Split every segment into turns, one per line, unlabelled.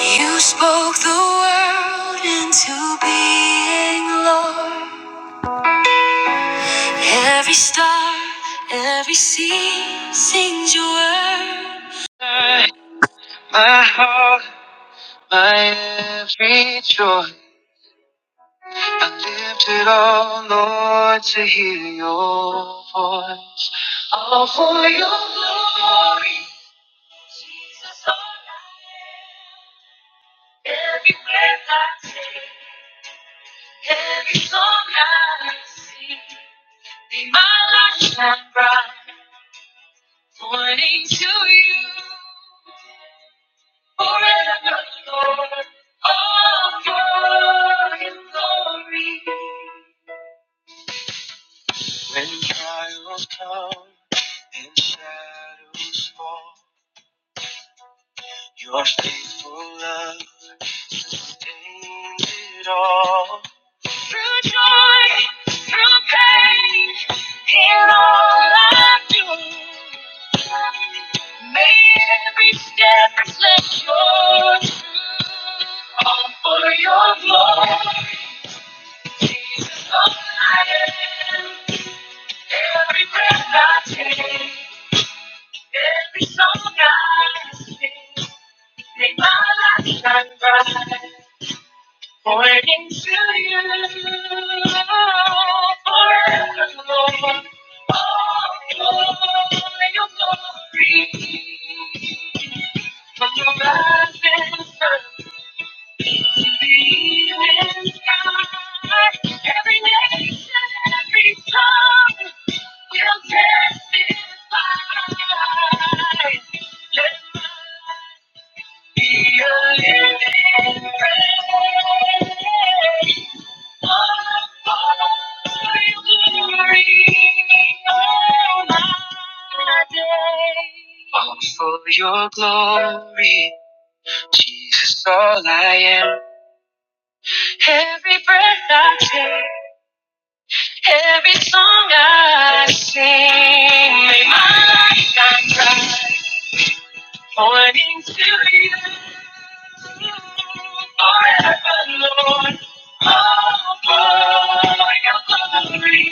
You spoke the world into being, Lord. Every star, every sea sings your word. My heart, my every joy, I lift it all, Lord, to hear your voice. All for your glory, Jesus, all I am. Every breath I take. Every song I sing, may my light shine bright, pointing to you forever, Lord. All in me. When trials come and shadows fall, your faithful love sustains it all. Let your truth all for your glory, Jesus of Every breath I take, every song I sing, make my life shine bright. Pointing to you forever, Lord. All glory, your glory. From your rising sun To be with God, every nation, every tongue will testify. Let my life be a living praise. all For your glory all my days. All for your glory, Jesus, all I am. Every breath I take, every song I sing, may my life shine bright, pointing to you forever, Lord. Oh, for your glory,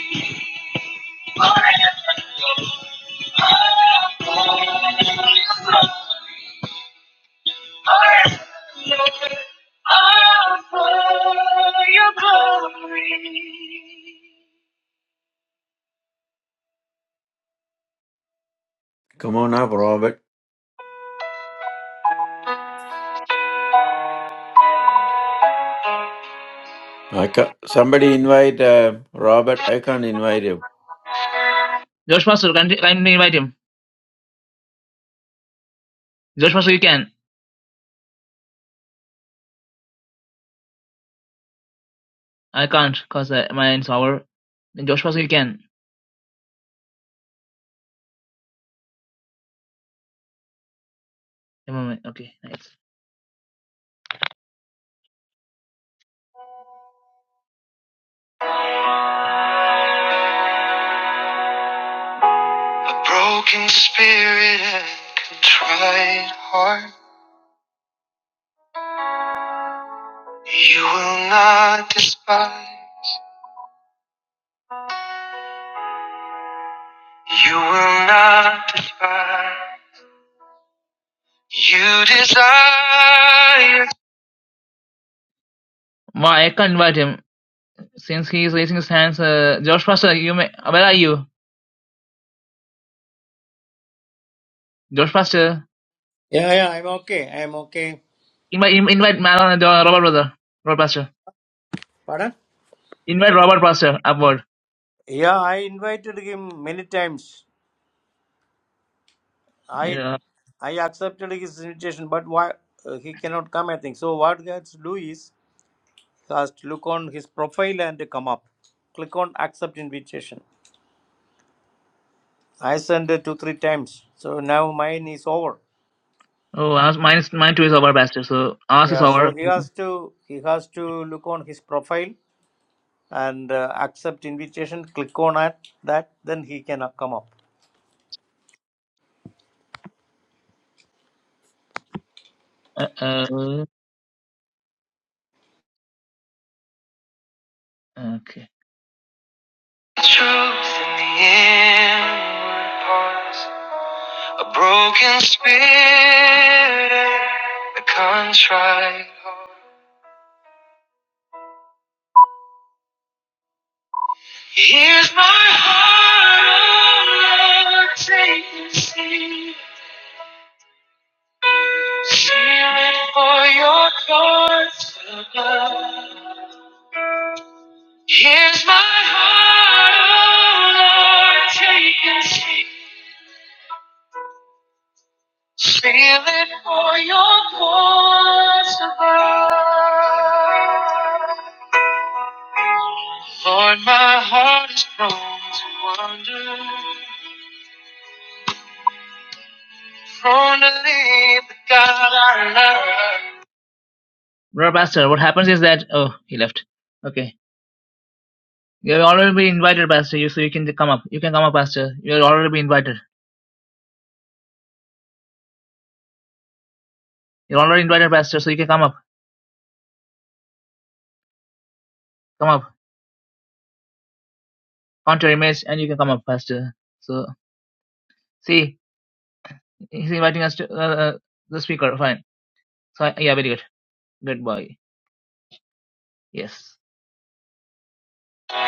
forever, Lord. Oh, for your glory, forever, Lord. Oh, for your glory.
Come on up, Robert. I ca- somebody invite uh, Robert. I can't invite him.
Josh Pastor, can kindly, kindly invite him. Josh Pastor, you can. I can't because uh, mine's over. Then Josh Pastor, you can. A moment. Okay, nice. A broken spirit and contrite heart, you will not despise. You will not despise. You desire. Ma, I can't invite him since he is raising his hands. Uh, Josh Pastor, you may. Where are you, Josh Pastor?
Yeah, yeah, I'm okay. I'm okay.
Invite, invite Malon and Robert brother, Robert Pastor.
Pardon?
Invite Robert Pastor upward.
Yeah, I invited him many times. I
Yeah.
I accepted his invitation, but why uh, he cannot come? I think so. What he has to do is he has to look on his profile and come up. Click on accept invitation. I sent it two three times. So now mine is over.
Oh, ask, mine, is- mine too is Robert Pastor. So ask is
Yeah, so
over.
he has to he has to look on his profile and uh, accept invitation. Click on that, that then he can uh, come up.
Uh, uh, okay. Truth in the inward parts, a broken spirit, and a contrite heart. Here's my heart, oh Lord, take and see. Seal it for your thoughts above. Here's my heart, oh Lord, take and see. Feel it for your voice above. Lord, my heart is prone to wander, prone to leave the God I love. Brother Pastor, what happens is that, oh, he left. Okay. You've already been invited, Pastor, you, so you can come up. You can come up, Pastor. You've already been invited. You're already invited, Pastor, so you can come up. Come up. Count your image and you can come up, Pastor. So, see, he's inviting us to uh, uh, the speaker. Fine. So, yeah, very good. Good boy. Yes. Here's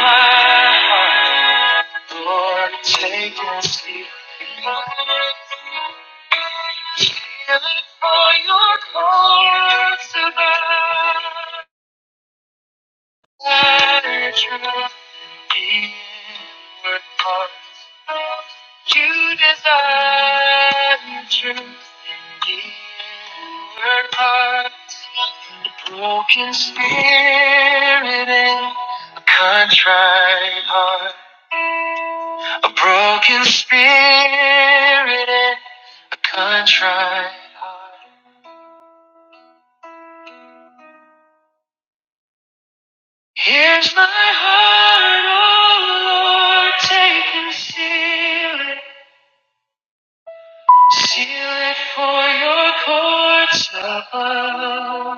my heart. Lord, take your seat. Kill it for your cause to bear. I try the inward parts you desire truth. The inward parts, a broken spirit and a contrite heart, a broken spirit and a contrite heart. Here's my heart, oh Lord, take and seal it. Seal it for your courts above.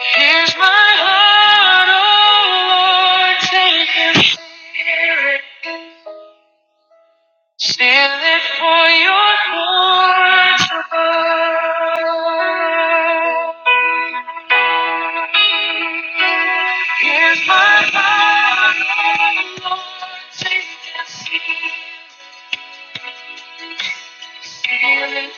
Here's my heart, oh Lord, take and seal it. Seal it for your courts above. Here's my heart, oh Lord, take and seal it. Seal it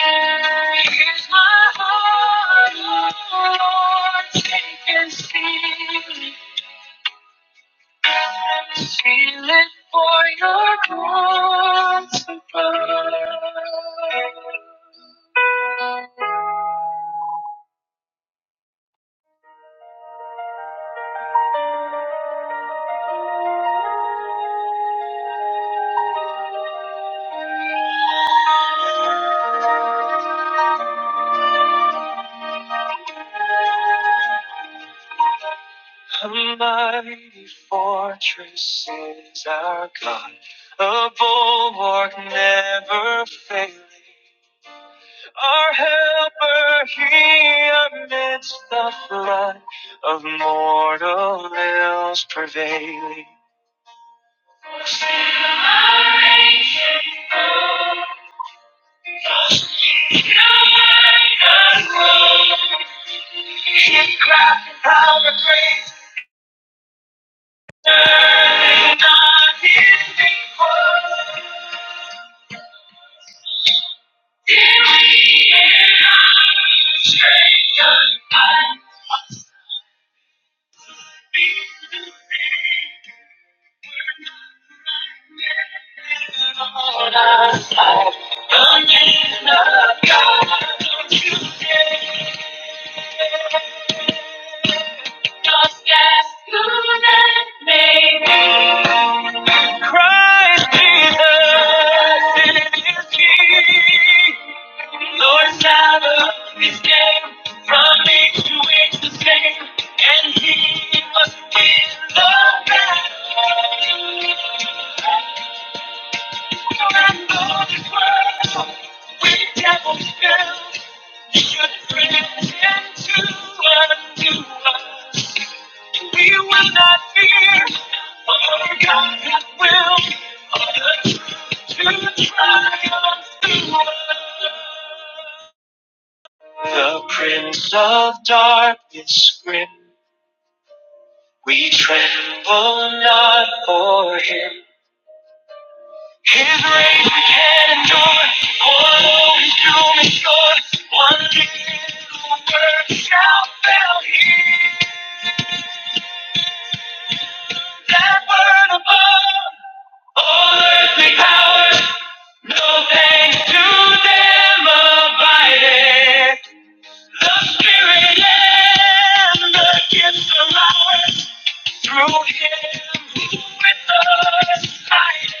Here's my heart, Lord, take and seal it. Seal it for your cross above. A mighty fortress is our God, a bulwark never failing. Our helper He, amidst the flood of mortal ills prevailing. Forsaken our ancient foe, trusting God alone. His craft and power great, and not his equal. Here we are, strength and might. Just as good as maybe. Jesus, it is He. Lord, Father, His name from age to age the same, and He must be the best. We will not fear, for God hath will, for the truth to triumph through us. The Prince of Darkness grim, we tremble not for him. His race we can endure, for though he's doom and short, one little word shall fail here. That word above, all earthly powers, no thanks to them abideth. The Spirit and the gifts are ours, through him who with us abideth.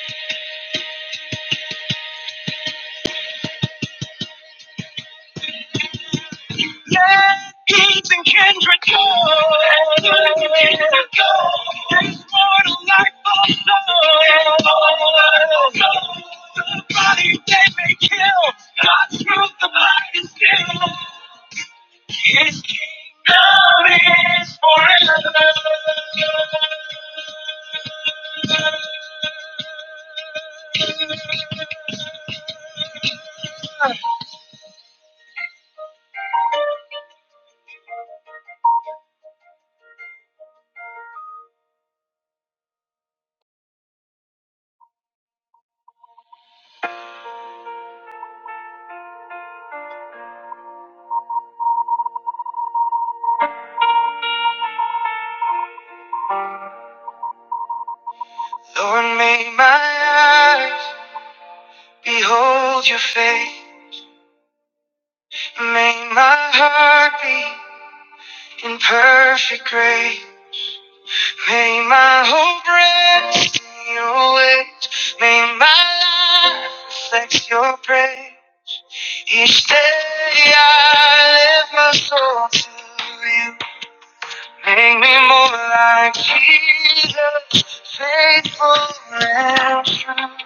Let kings and kings rejoice. Let kings and kings rejoice. There's more to life also. The body they may kill, God's truth the mind is still. His kingdom is forever. Lord, may my eyes behold your face. May my heart beat in perfect grace. May my hope rest in your ways. May my life reflect your praise. Each day I lift my soul to you. Make me more like Jesus, faithful and true.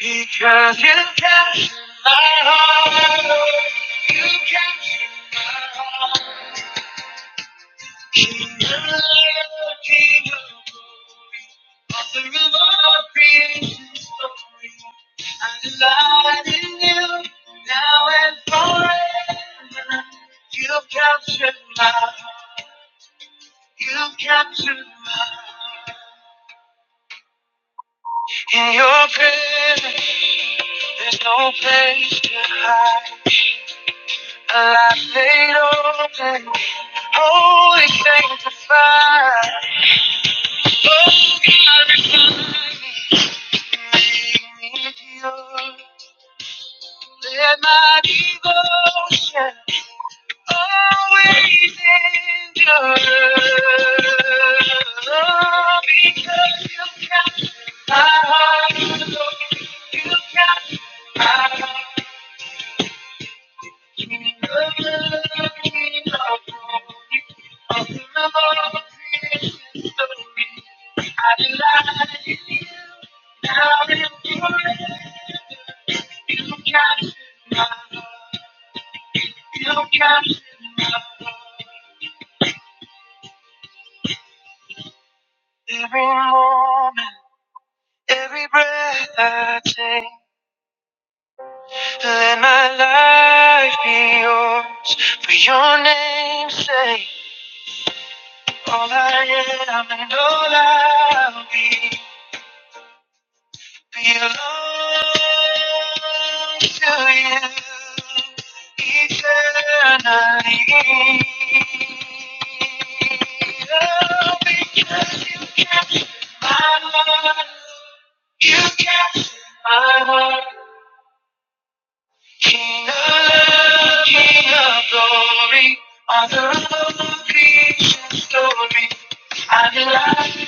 Because you captured my heart, Lord. you captured my heart. King of King of glory, author of all creation's story. I delight in you now and forever. You've captured my heart. You've captured my heart. In your presence, there's no place to hide. A life laid open, holy set fire. Oh, God, refine me. Let my devotion always endure. Because you got my heart, you got my heart. King of love, King of glory, of the Lord, creation story. I delight in you, now and forever. Every moment, every breath I take, let my life be yours. For your name's sake, all I am and all I'll be. I belong to you eternally. Oh, because you captured my heart, you captured my heart. King of love, King of glory, author of creation story. I belong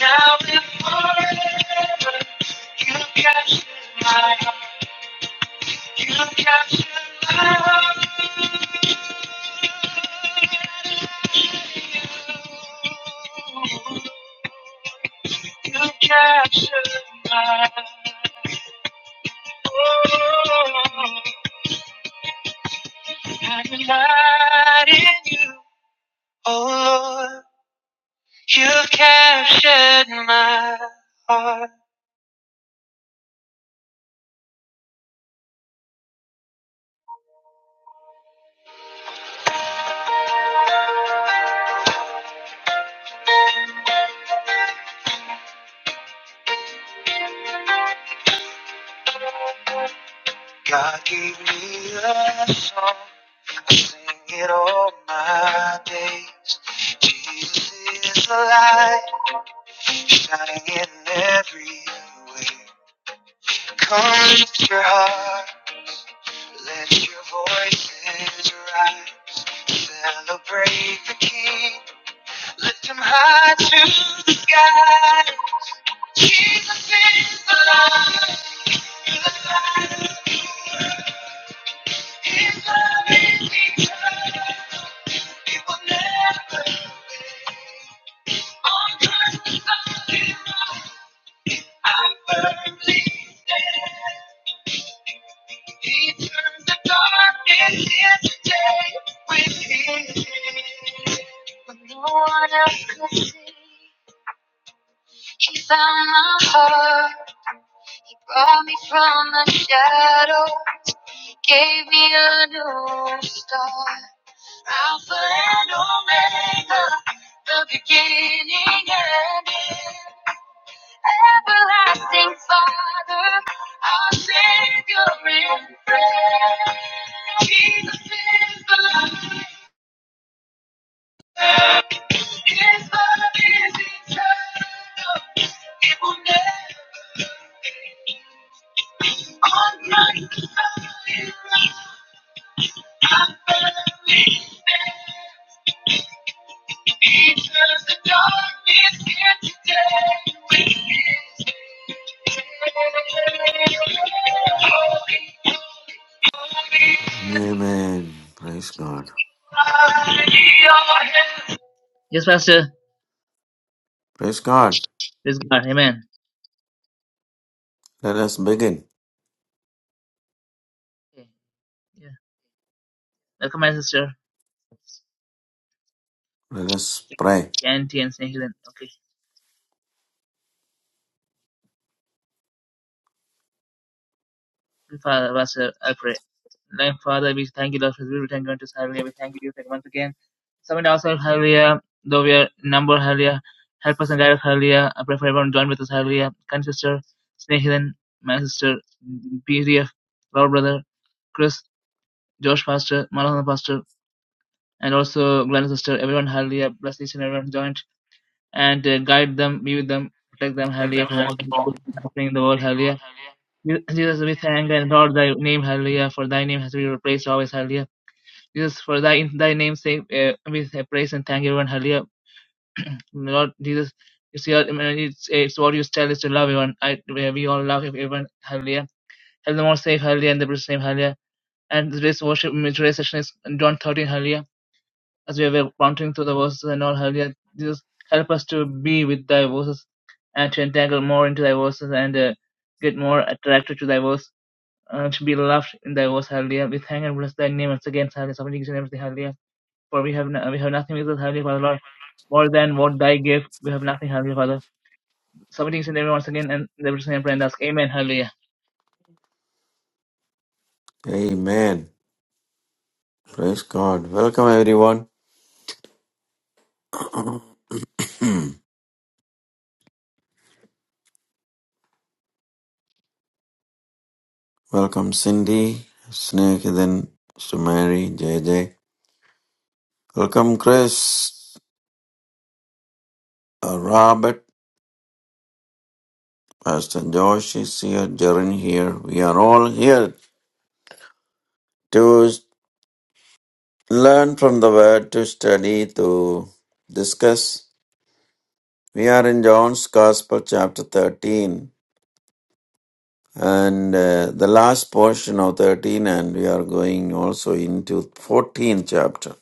now and forever, you captured my heart. You captured my heart. You you captured my heart. Oh, I delight in you. Oh Lord, you captured my heart. God gave me a song. I sing it all my days. Jesus is the light shining in every way. Come lift your heart, let your voices rise. Celebrate the King, lift him high to the sky. Jesus is the alive, he's the light of the world. His love is eternal, it will never fade. He turned the darkness into day with When no one else could see, he found my heart, brought me from the shadow, he gave me a new start. Alpha and Omega, the beginning and end. Everlasting Father, our Savior in prayer. Jesus is the light. His love is eternal. It will never end. On Christ I live, I firmly stand. Because the darkness here today with his
Amen. Praise God.
Yes, Pastor.
Praise God.
Praise God. Amen.
Let us begin.
Okay. Yeah. Welcome, my sister.
Let us pray.
Yanti and St. Helen. Okay. Father, Pastor, Alfred, pray. Like, Father, we thank you, Lord, for the return to us. Hallelujah. We thank you once again. Summit ourselves, hallelujah. Though we are number, hallelujah. Help us and guide us, hallelujah. I pray for everyone joined with us, hallelujah. Kind sister, Snehidan, my sister, PDF, Lord brother, Chris, Josh pastor, Maranatha pastor, and also Glenn sister, everyone, hallelujah. Bless each and everyone joined and uh, guide them, be with them, protect them, hallelujah, from all the things happening in the world, hallelujah. Jesus, we thank and Lord thy name, hallelujah, for thy name has been praised always, hallelujah. Jesus, for thy in thy name's sake, uh, we praise and thank everyone, hallelujah. Lord Jesus, it's your, it's, it's what you tell us to love everyone. I, we all love everyone, hallelujah. Help them all safe, hallelujah, in the precious name, hallelujah. And today's worship, I today's session is John 13, hallelujah. As we were wandering through the verses and all, hallelujah. Jesus, help us to be with thy verses and to entangle more into thy verses and uh, get more attracted to thy verses uh, to be loved in thy words, hallelujah. We thank and bless thy name once again, hallelujah, submitting each and everything, hallelujah. For we have, no, we have nothing with us, hallelujah, Father Lord, more than what thy gave, we have nothing, hallelujah, Father. Submitting each and everything once again, and the blessing and prayer and ask, Amen, hallelujah.
Amen. Praise God. Welcome, everyone. Welcome, Cindy, Snehadan, Sumari, J. J. Welcome, Chris, uh, Robert, Pastor Josh is here, Jaren here. We are all here to Learn from the word to study to discuss. We are in John's Gospel, chapter 13, and uh, the last portion of 13, and we are going also into 14 chapter.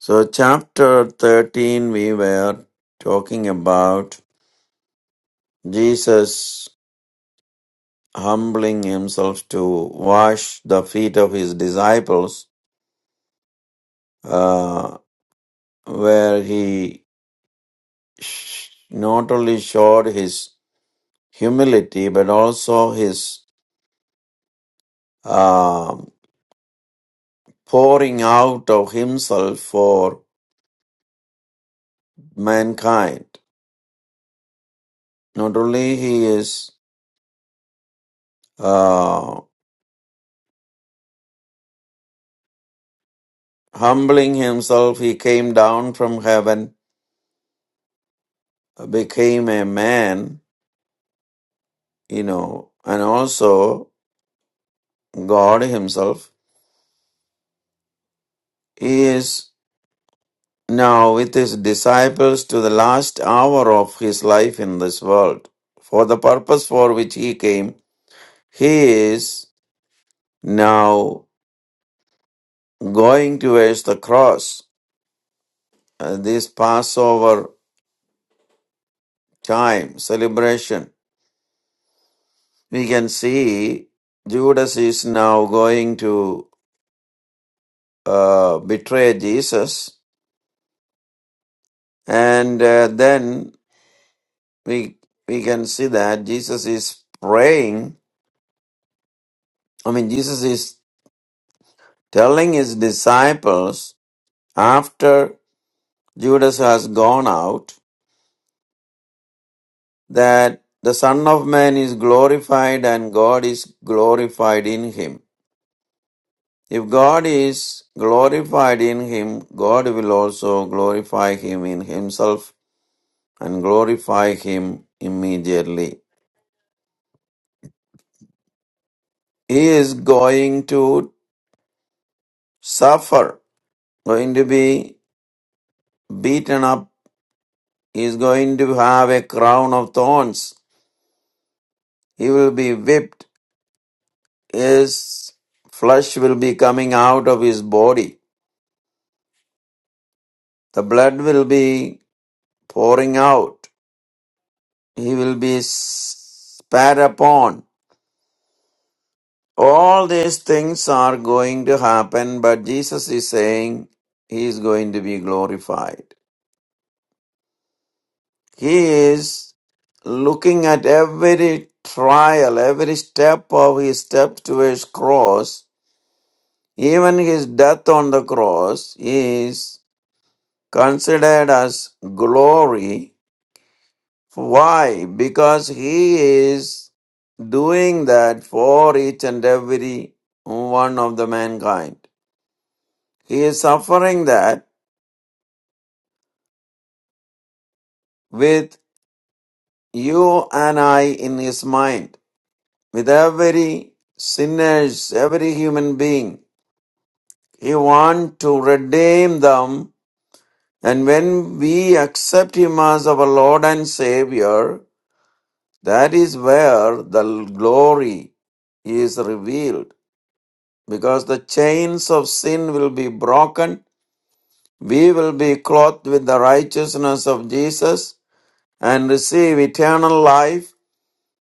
So, chapter 13, we were talking about Jesus humbling himself to wash the feet of his disciples, uh, where he sh- not only showed his humility, but also his um, pouring out of himself for mankind. Not only he is uh, humbling himself, he came down from heaven, became a man, you know, and also God himself. He is now with his disciples to the last hour of his life in this world. For the purpose for which he came, he is now going towards the cross, uh, this Passover time celebration, we can see Judas is now going to uh, betray Jesus, and uh, then we we can see that Jesus is praying. I mean, Jesus is telling his disciples after Judas has gone out that the Son of Man is glorified and God is glorified in him If God is glorified in him, God will also glorify him in himself and glorify him immediately. He is going to suffer, going to be beaten up. He is going to have a crown of thorns. He will be whipped. His flesh will be coming out of his body. The blood will be pouring out. He will be spat upon All these things are going to happen, but Jesus is saying he is going to be glorified. He is looking at every trial, every step of his step to his cross, even his death on the cross is considered as glory. Why? Because he is doing that for each and every one of the mankind. He is suffering that with you and I in his mind, with every sinners, every human being. He wants to redeem them. And when we accept him as our Lord and Savior, that is where the glory is revealed. Because the chains of sin will be broken. We will be clothed with the righteousness of Jesus and receive eternal life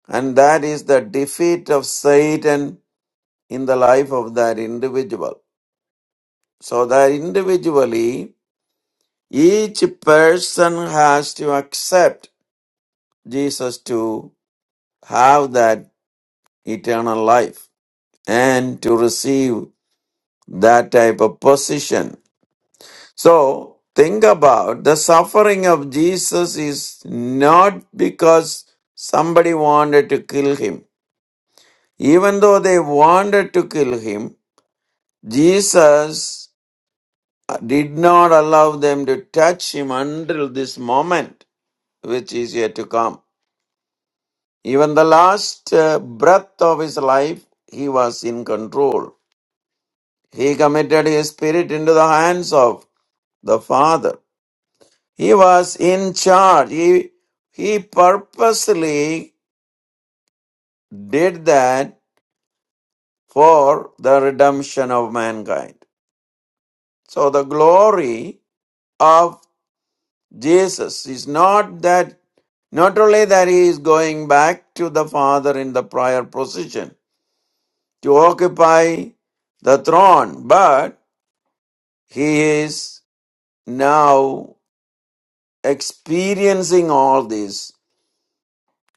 And that is the defeat of Satan in the life of that individual. So that individually, each person has to accept Jesus to have that eternal life and to receive that type of position. So think about the suffering of Jesus is not because somebody wanted to kill him. Even though they wanted to kill him, Jesus uh, did not allow them to touch him until this moment, which is yet to come. Even the last uh, breath of his life, he was in control. He committed his spirit into the hands of the Father. He was in charge. He, he purposely did that for the redemption of mankind. So the glory of Jesus is not that, not only that he is going back to the Father in the prior position to occupy the throne, but he is now experiencing all this,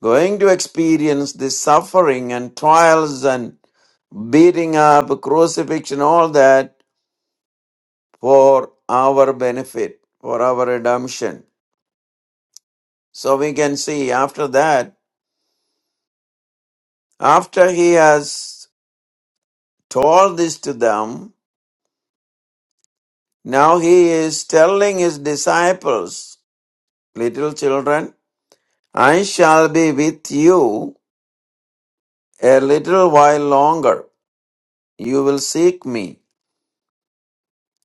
going to experience the suffering and trials and beating up, crucifixion, all that for our benefit, for our redemption. So we can see after that, after he has told this to them. Now he is telling his disciples, Little children, I shall be with you a little while longer. You will seek me.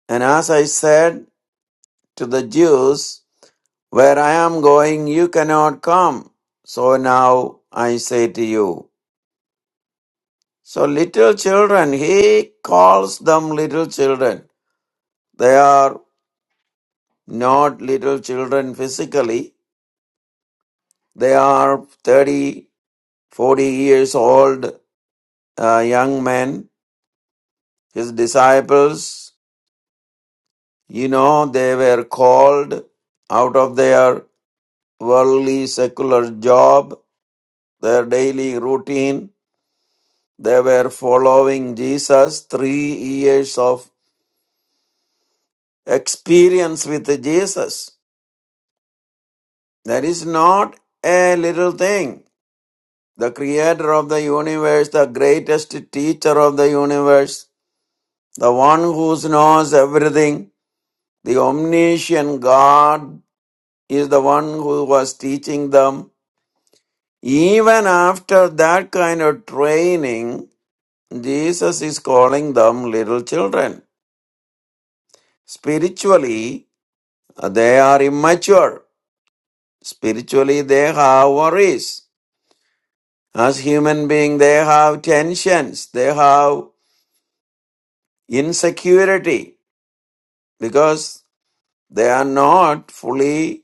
And as I said to the Jews, Where I am going, you cannot come. So now I say to you. So, little children, he calls them little children. They are not little children physically, they are 30 40 years old uh, young man, his disciples, you know, they were called out of their worldly secular job, their daily routine. They were following Jesus, three years of experience with Jesus. That is not a little thing. The creator of the universe, the greatest teacher of the universe, the one who knows everything, The omniscient God is the one who was teaching them. Even after that kind of training, Jesus is calling them little children. Spiritually, they are immature. Spiritually, they have worries. As human beings, they have tensions. They have insecurity because they are not fully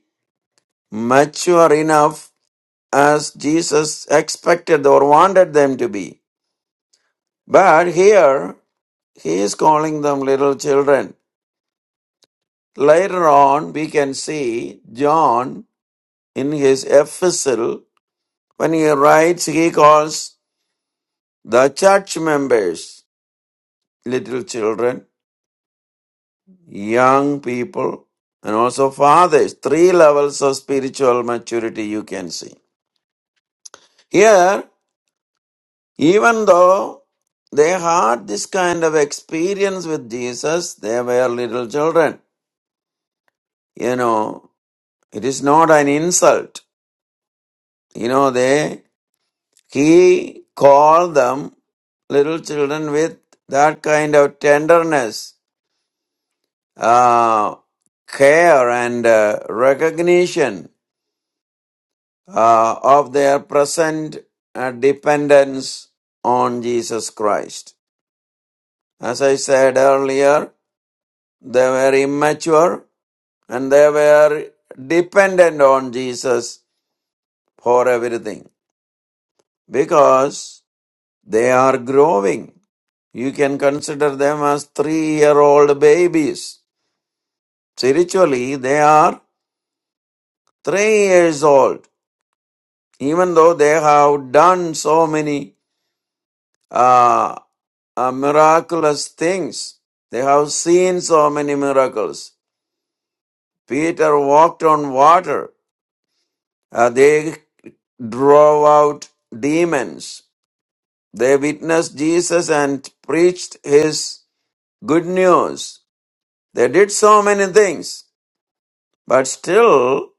mature enough as Jesus expected or wanted them to be. But here, he is calling them little children. Later on, we can see John in his epistle, when he writes, he calls the church members little children, young people, and also fathers. Three levels of spiritual maturity you can see. Here, Even though they had this kind of experience with Jesus, they were little children. You know, it is not an insult. You know, they, he called them little children with that kind of tenderness, uh, care and uh, recognition uh, of their present uh, dependence on Jesus Christ. As I said earlier, they were immature and they were dependent on Jesus for everything because they are growing. You can consider them as three year old babies. Spiritually, they are three years old, even though they have done so many uh, uh, miraculous things. They have seen so many miracles. Peter walked on water. Uh, they drove out demons. They witnessed Jesus and preached his good news. They did so many things, but still,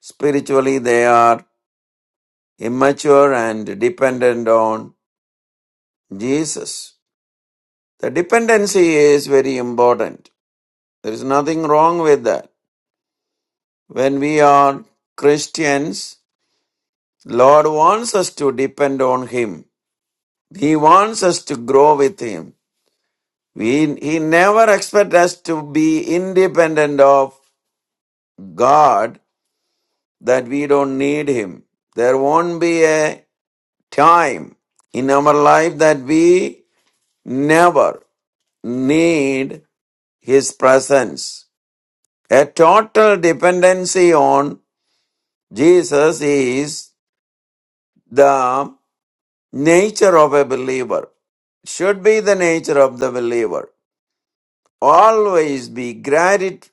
spiritually, they are immature and dependent on Jesus. The dependency is very important. There is nothing wrong with that. When we are Christians, Lord wants us to depend on Him. He wants us to grow with Him. We, he never expects us to be independent of God that we don't need Him. There won't be a time in our life that we never need His presence. A total dependency on Jesus is the nature of a believer, should be the nature of the believer. Always be gratitude,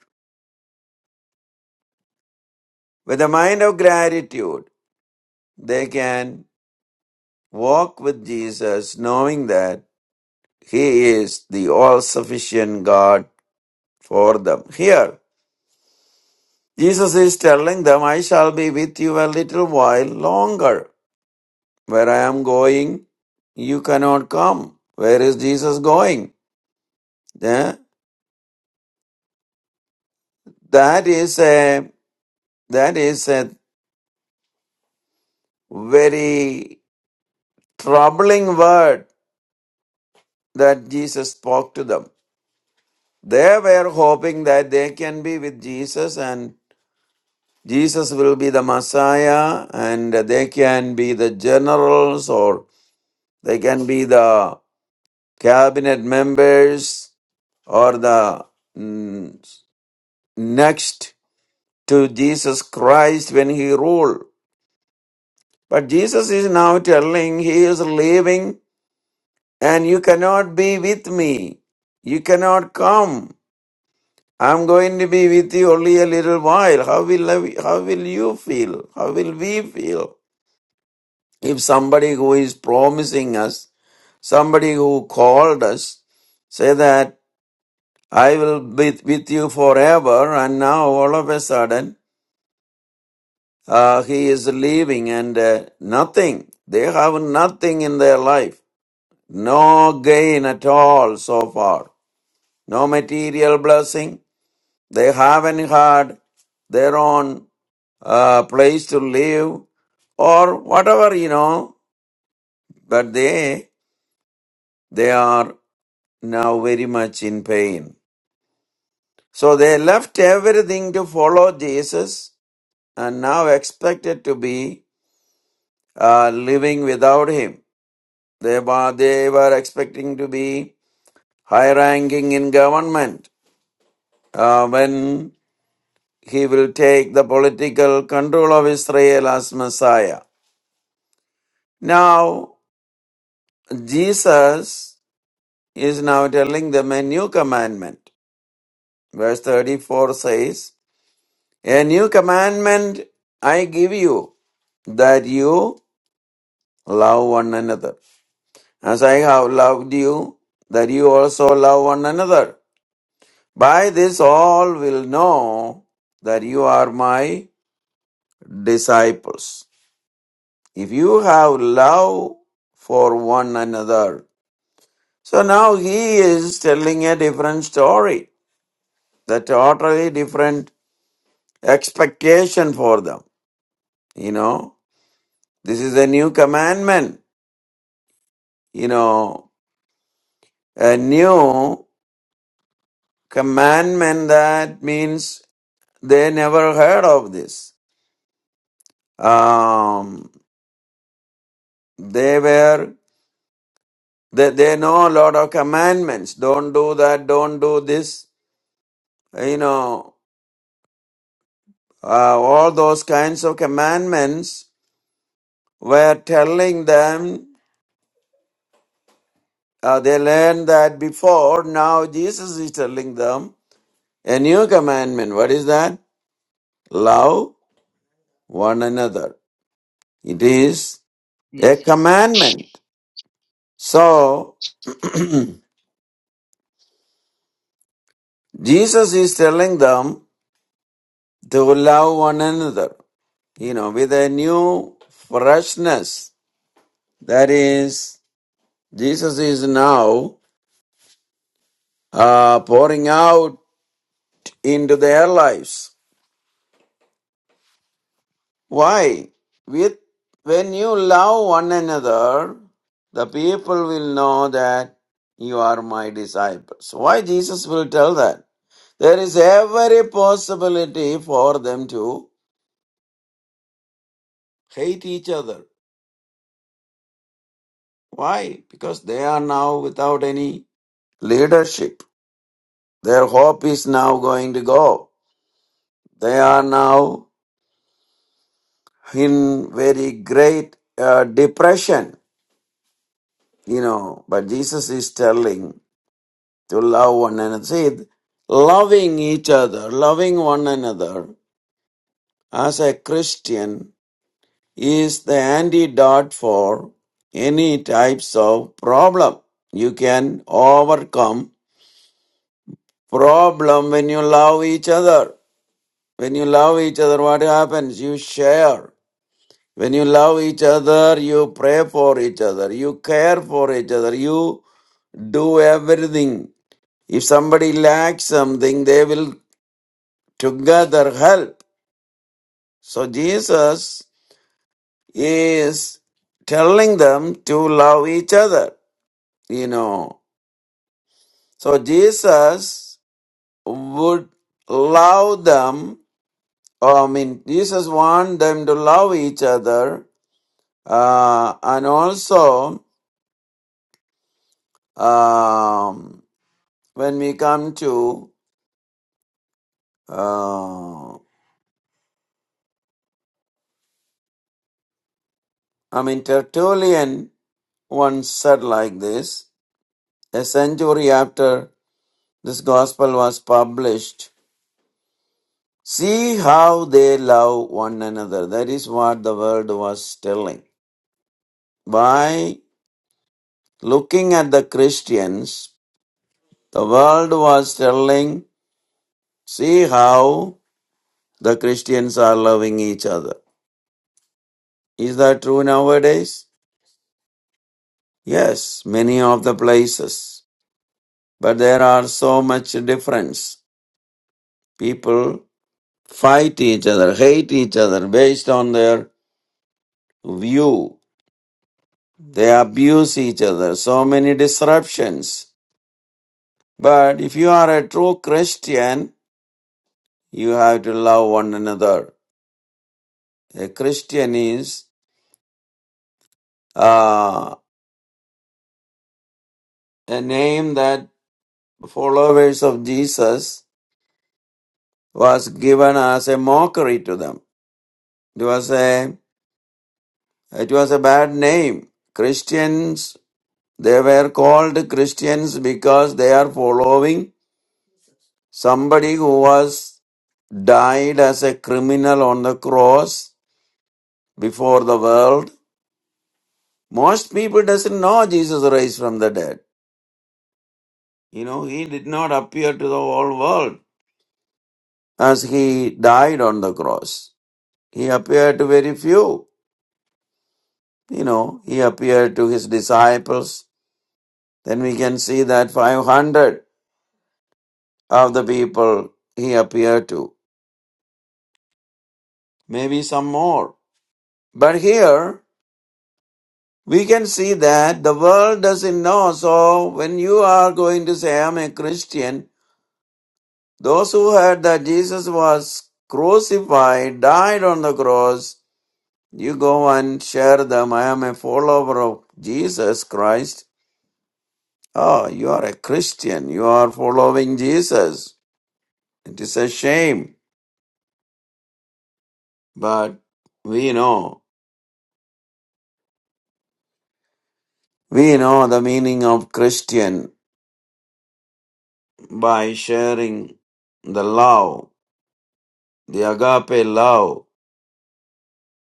with a mind of gratitude, they can walk with Jesus knowing that He is the all sufficient God for them. Here, Jesus is telling them, I shall be with you a little while longer. Where I am going, you cannot come. Where is Jesus going? Yeah. That is a, that is a very troubling word that Jesus spoke to them. They were hoping that they can be with Jesus and Jesus will be the Messiah, and they can be the generals, or they can be the cabinet members, or the mm, next to Jesus Christ when he ruled. But Jesus is now telling he is leaving, and you cannot be with me. You cannot come. I'm going to be with you only a little while. How will I, how will you feel? How will we feel? If somebody who is promising us, somebody who called us, say that I will be with you forever, and now all of a sudden uh, he is leaving and uh, nothing. They have nothing in their life, no gain at all so far, no material blessing. They haven't had their own uh, place to live or whatever you know, but they they are now very much in pain. So they left everything to follow Jesus and now expected to be uh, living without him. They were, they were expecting to be high ranking in government uh, when he will take the political control of Israel as Messiah. Now, Jesus is now telling them a new commandment. Verse 34 says, A new commandment I give you, that you love one another. As I have loved you, that you also love one another. By this all will know that you are my disciples. If you have love for one another. So now he is telling a different story, the totally different expectation for them. You know, this is a new commandment you know, a new commandment that means they never heard of this. Um, they were, they, they know a lot of commandments. Don't do that, don't do this. You know, uh, all those kinds of commandments were telling them, uh, they learned that before. Now Jesus is telling them a new commandment. What is that? Love one another. It is. a
Yes,
commandment. So Jesus is telling them to love one another, you know, with a new freshness. That is, Jesus is now uh, pouring out into their lives. Why? With when you love one another, the people will know that you are my disciples. Why Jesus will tell that? There is every possibility for them to hate each other. Why? Because they are now without any leadership. Their hope is now going to go. They are now in very great uh, depression, you know. But Jesus is telling to love one another. See, loving each other, loving one another as a Christian is the antidote for any types of problem. You can overcome problem when you love each other. When you love each other, what happens? You share. When you love each other, you pray for each other, you care for each other, you do everything. If somebody lacks something, they will together help. So Jesus is telling them to love each other, you know. So Jesus would love them Oh, I mean, Jesus want them to love each other, uh, and also um, when we come to, uh, I mean, Tertullian once said like this: a century after this gospel was published, see how they love one another. That is what the world was telling. By looking at the Christians, the world was telling, see how the Christians are loving each other. Is that true nowadays? Yes, many of the places. But there are so much difference. People fight each other, hate each other based on their view. They abuse each other. So many disruptions. But if you are a true Christian, you have to love one another. A Christian is uh, a name that followers of Jesus was given as a mockery to them. It was a, it was a bad name. Christians, they were called Christians because they are following somebody who was died as a criminal on the cross before the world. Most people doesn't know Jesus raised from the dead. You know, he did not appear to the whole world as he died on the cross. He appeared to very few. You know, he appeared to his disciples Then we can see that 500 of the people he appeared to, maybe some more. But here we can see that the world doesn't know. So when you are going to say, I'm a Christian, those who heard that Jesus was crucified, died on the cross, you go and share them. I am a follower of Jesus Christ. Oh, you are a Christian. You are following Jesus. It is a shame. But we know. We know the meaning of Christian by sharing the love, the agape love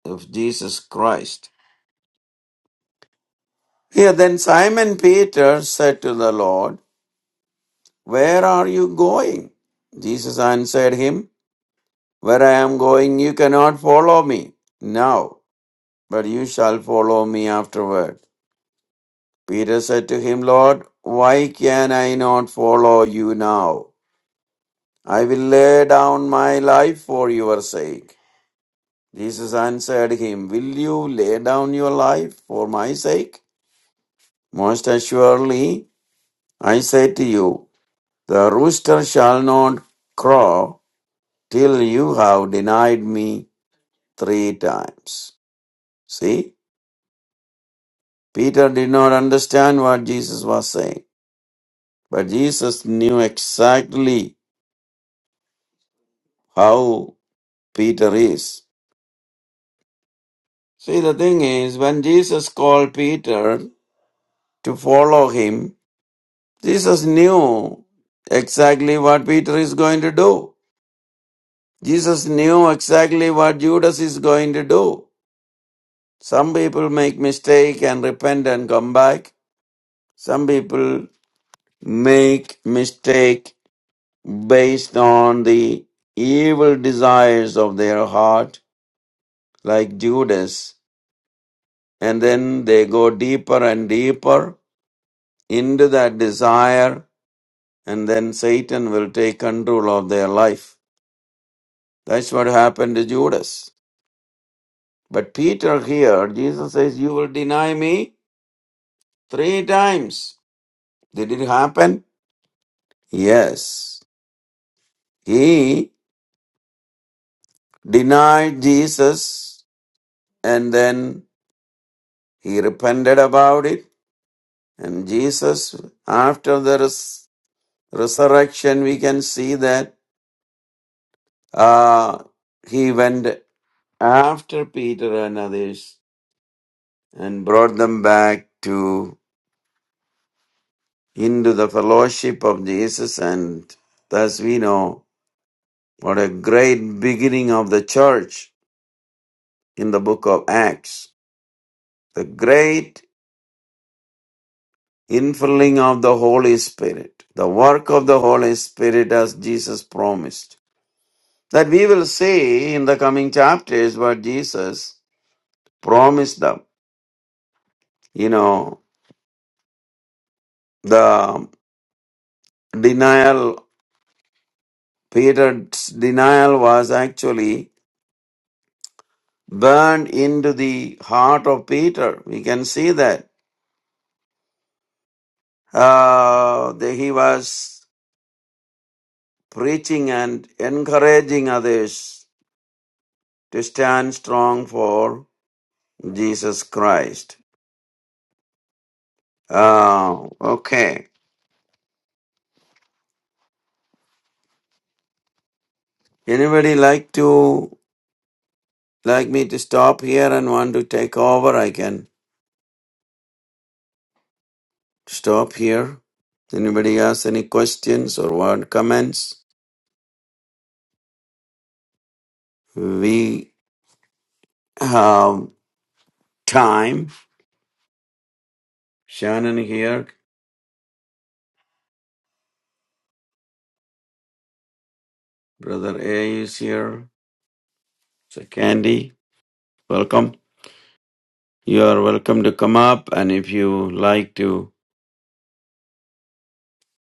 of Jesus Christ. Here then Simon Peter said to the Lord, Where are you going? Jesus answered him, Where I am going you cannot follow me now, but you shall follow me afterward. Peter said to him, Lord, why can I not follow you now? I will lay down my life for your sake. Jesus answered him, Will you lay down your life for my sake? Most assuredly, I say to you, the rooster shall not crow till you have denied me three times. See, Peter did not understand what Jesus was saying, but Jesus knew exactly how Peter is. See, the thing is, when Jesus called Peter to follow him, Jesus knew exactly what Peter is going to do. Jesus knew exactly what Judas is going to do. Some people make mistake and repent and come back. Some people make mistake based on the evil desires of their heart like Judas and then they go deeper and deeper into that desire and then Satan will take control of their life. That's what happened to Judas. But Peter here, Jesus says, You will deny me three times. Did it happen? Yes. He denied Jesus and then he repented about it. And Jesus, after the res- resurrection, we can see that uh, he went after Peter and others and brought them back to into the fellowship of Jesus and thus we know What a great beginning of the church in the book of Acts. The great infilling of the Holy Spirit. The work of the Holy Spirit as Jesus promised. That we will see in the coming chapters what Jesus promised them. You know, the denial, Peter's denial was actually burned into the heart of Peter. We can see that. Uh, the- he was preaching and encouraging others to stand strong for Jesus Christ. Oh, okay. Anybody like to like me to stop here and want to take over? I can stop here. Anybody has any questions or word comments? We have time. Shannon here, brother A is here. So Candy, welcome. You are welcome to come up, and if you like to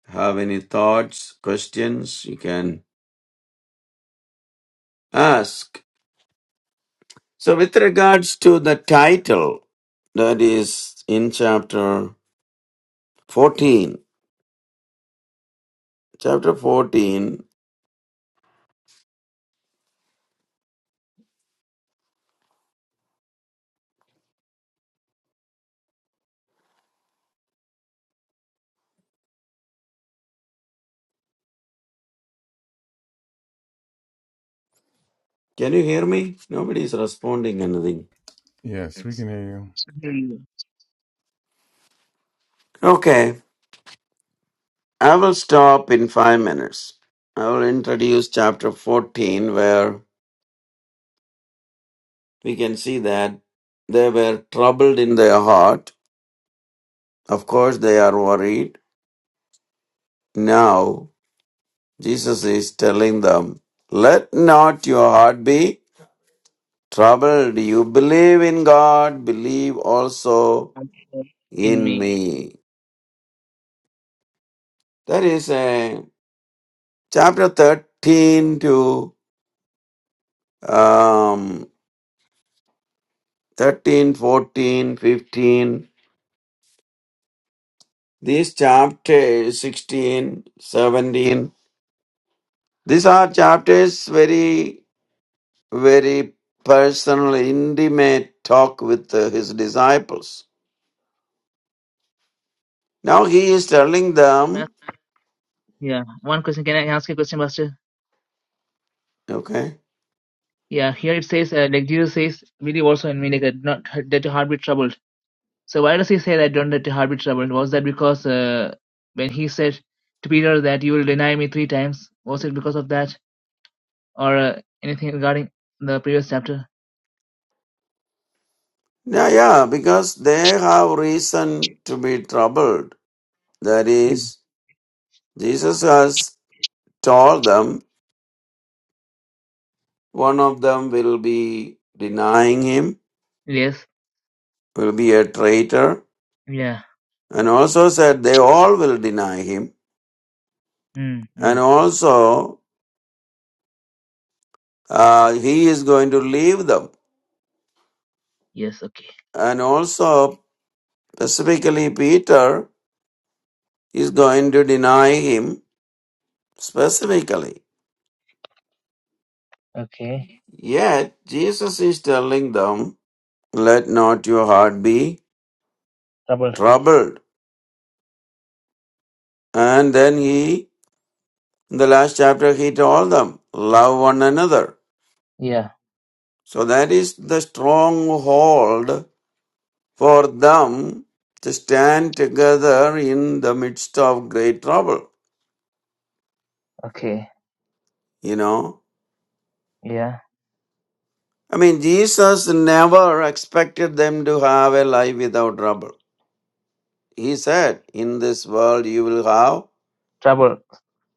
Have any thoughts, questions you can ask. So, with regards to the title, that is in chapter 14. Chapter 14. Can you hear me? Nobody is responding anything.
Yes, we can hear you.
hallelujah.
Okay, I will stop in five minutes. I will introduce chapter 14 where we can see that they were troubled in their heart. Of course, they are worried. Now Jesus is telling them, Let not your heart be troubled. You believe in God, believe also
In
in
me.
me. That is a chapter 13 to um, thirteen, fourteen, fifteen. 14, 15. These chapters 16, seventeen, These are chapters very, very personal, intimate talk with uh, his disciples. Now he is telling them
Yeah, one question, can I ask you a question, Pastor?
Okay.
Yeah, here it says, uh, like Jesus says, believe also in me, like, uh, not, that your heart be troubled. So why does he say that don't let your heart be troubled? Was that because uh, when he said to Peter that you will deny me three times, was it because of that or uh, anything regarding the previous chapter?
Yeah, yeah, because they have reason to be troubled. That
Mm.
is, Jesus has told them one of them will be denying him,
Yes.
will be a traitor,
Yeah.
and also said they all will deny him,
Mm,
and
mm.
also uh, he is going to leave them,
Yes. Okay.
and also specifically Peter is going to deny him specifically.
Okay.
Yet Jesus is telling them let not your heart be
Troubled.
troubled. And then he, in the last chapter, he told them, love one another.
Yeah.
So that is the stronghold for them to stand together in the midst of great trouble.
Okay.
You know,
Yeah.
I mean, Jesus never expected them to have a life without trouble. He said, in this world you will have
Trouble.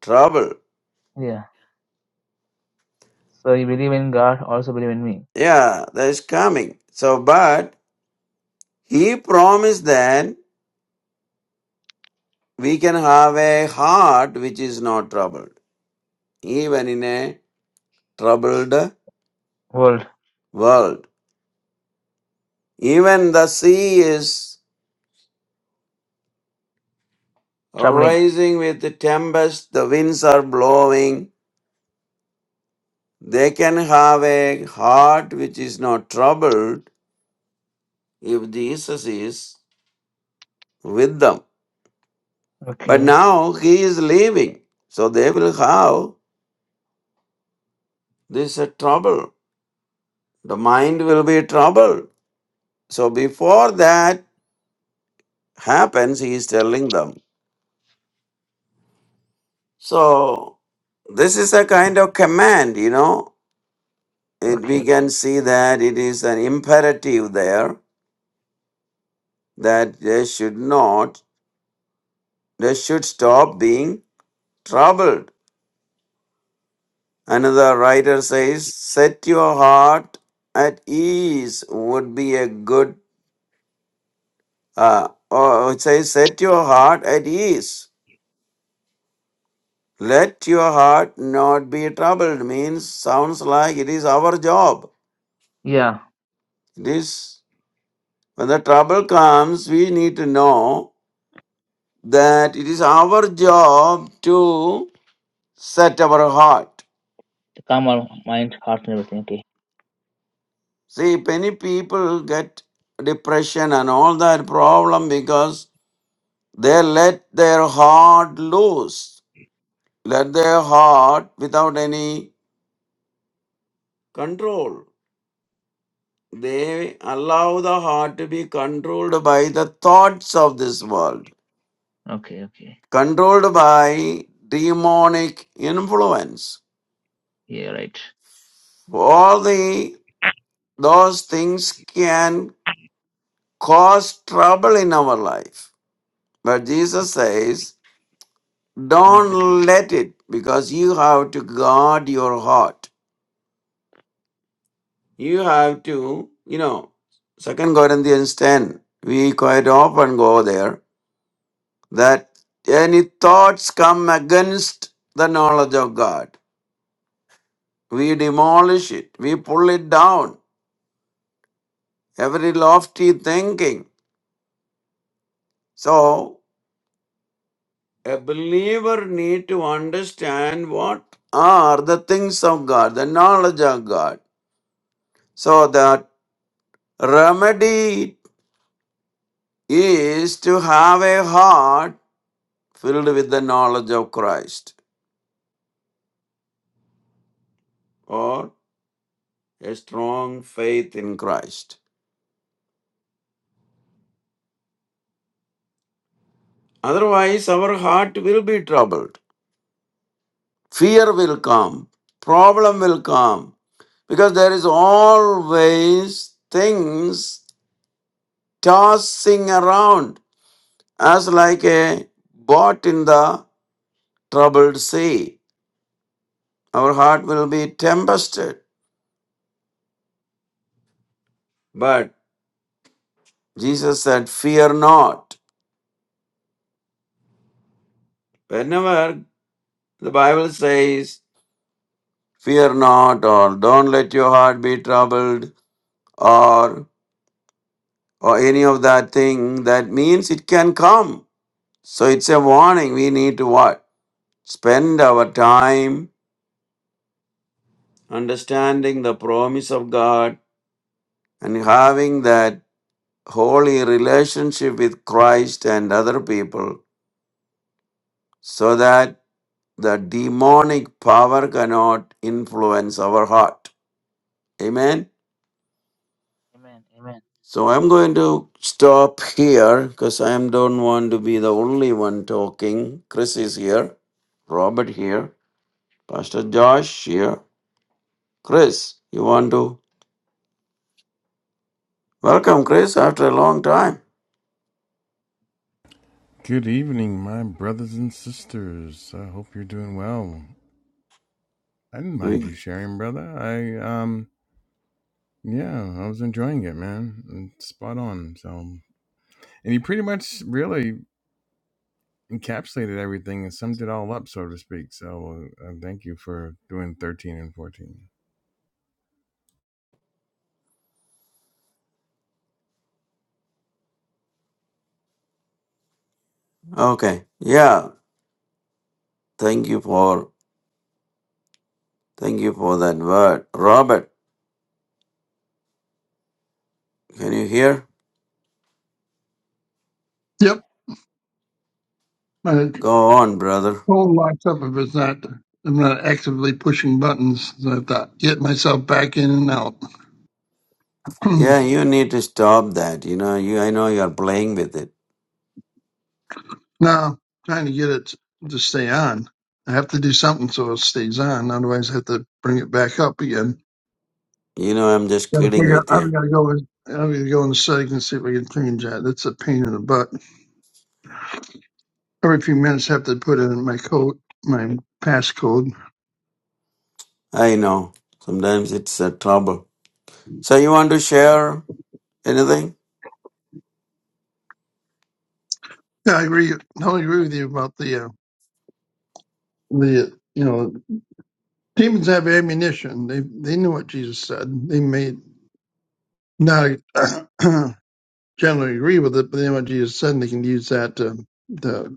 trouble.
Yeah. So you believe in God, also believe in me.
Yeah, that is coming. So, but he promised that we can have a heart which is not troubled, even in a troubled
World.
world. Even the sea is
Troubling.
rising with the tempest, the winds are blowing. They can have a heart which is not troubled if Jesus is with them. But
Okay.
now he is leaving, so they will have this uh, trouble. The mind will be troubled. So before that happens, he is telling them So this is a kind of command, you know. It, we
Okay.
can see that it is an imperative there that they should not, they should stop being troubled. Another writer says, "Set your heart at ease" would be a good. Uh, or it says, "Set your heart at ease." Let your heart not be troubled means sounds like it is our job.
Yeah.
It is. When the trouble comes, we need to know that it is our job to set our heart.
To calm our mind, heart, and everything. Okay.
See, many people get depression and all that problem because they let their heart loose, let their heart without any control. They allow the heart to be controlled by the thoughts of this world,
Okay. Okay.
controlled by demonic influence.
Yeah. Right.
All the those things can cause trouble in our life. But Jesus says,
Not. like.
don't let it because you have to guard your heart. You have to, you know, Second Corinthians 10, we quite often go there that any thoughts come against the knowledge of God. We demolish it, we pull it down, every lofty thinking. So A believer need to understand what are the things of God, the knowledge of God. So that remedy is to have a heart filled with the knowledge of Christ or a strong faith in Christ. Otherwise, our heart will be troubled. Fear will come. Problem will come. Because there is always things tossing around As like a boat in the troubled sea, our heart will be tempested. But Jesus said, Fear not. Whenever the Bible says, Fear not, or don't let your heart be troubled, or or any of that thing, that means it can come. So it's a warning. We need to what? Spend our time understanding the promise of God and having that holy relationship with Christ and other people so that the demonic power cannot influence our heart. Amen.
Amen. Amen.
So I'm going to stop here because I don't want to be the only one talking. Chris is here, Robert here, Pastor Josh here. Chris, you want to welcome Chris after a long time?
Good evening, my brothers and sisters. I hope you're doing well. I didn't mind you
We
sharing, brother. I um yeah, I was enjoying it, man. It's spot on. So and you pretty much really encapsulated everything and summed it all up, so to speak. So uh, thank you for doing 13 and 14.
okay. Yeah. Thank you for thank you for that word. Robert, can you hear?
Yep. My
Go on, brother.
phone locks up if it's not, I'm not actively pushing buttons. So I have to get myself back in and out.
Yeah, you need to stop that. You know, you I know you're playing with it.
now, trying to get it to stay on. I have to do something so it stays on. Otherwise, I have to bring it back up again.
You know, I'm just
Gotta
kidding
figure out,
with you.
I've got to go in, I've got to go in the settings and see if I can change that. That's a pain in the butt. Every few minutes, I have to put in my code, my passcode.
I know. Sometimes it's a trouble. So you want to share anything?
Yeah, I agree. I totally agree with you about the, uh, the, you know, Demons have ammunition. They they knew what Jesus said. They may not generally agree with it, but they know what Jesus said, and they can use that to, to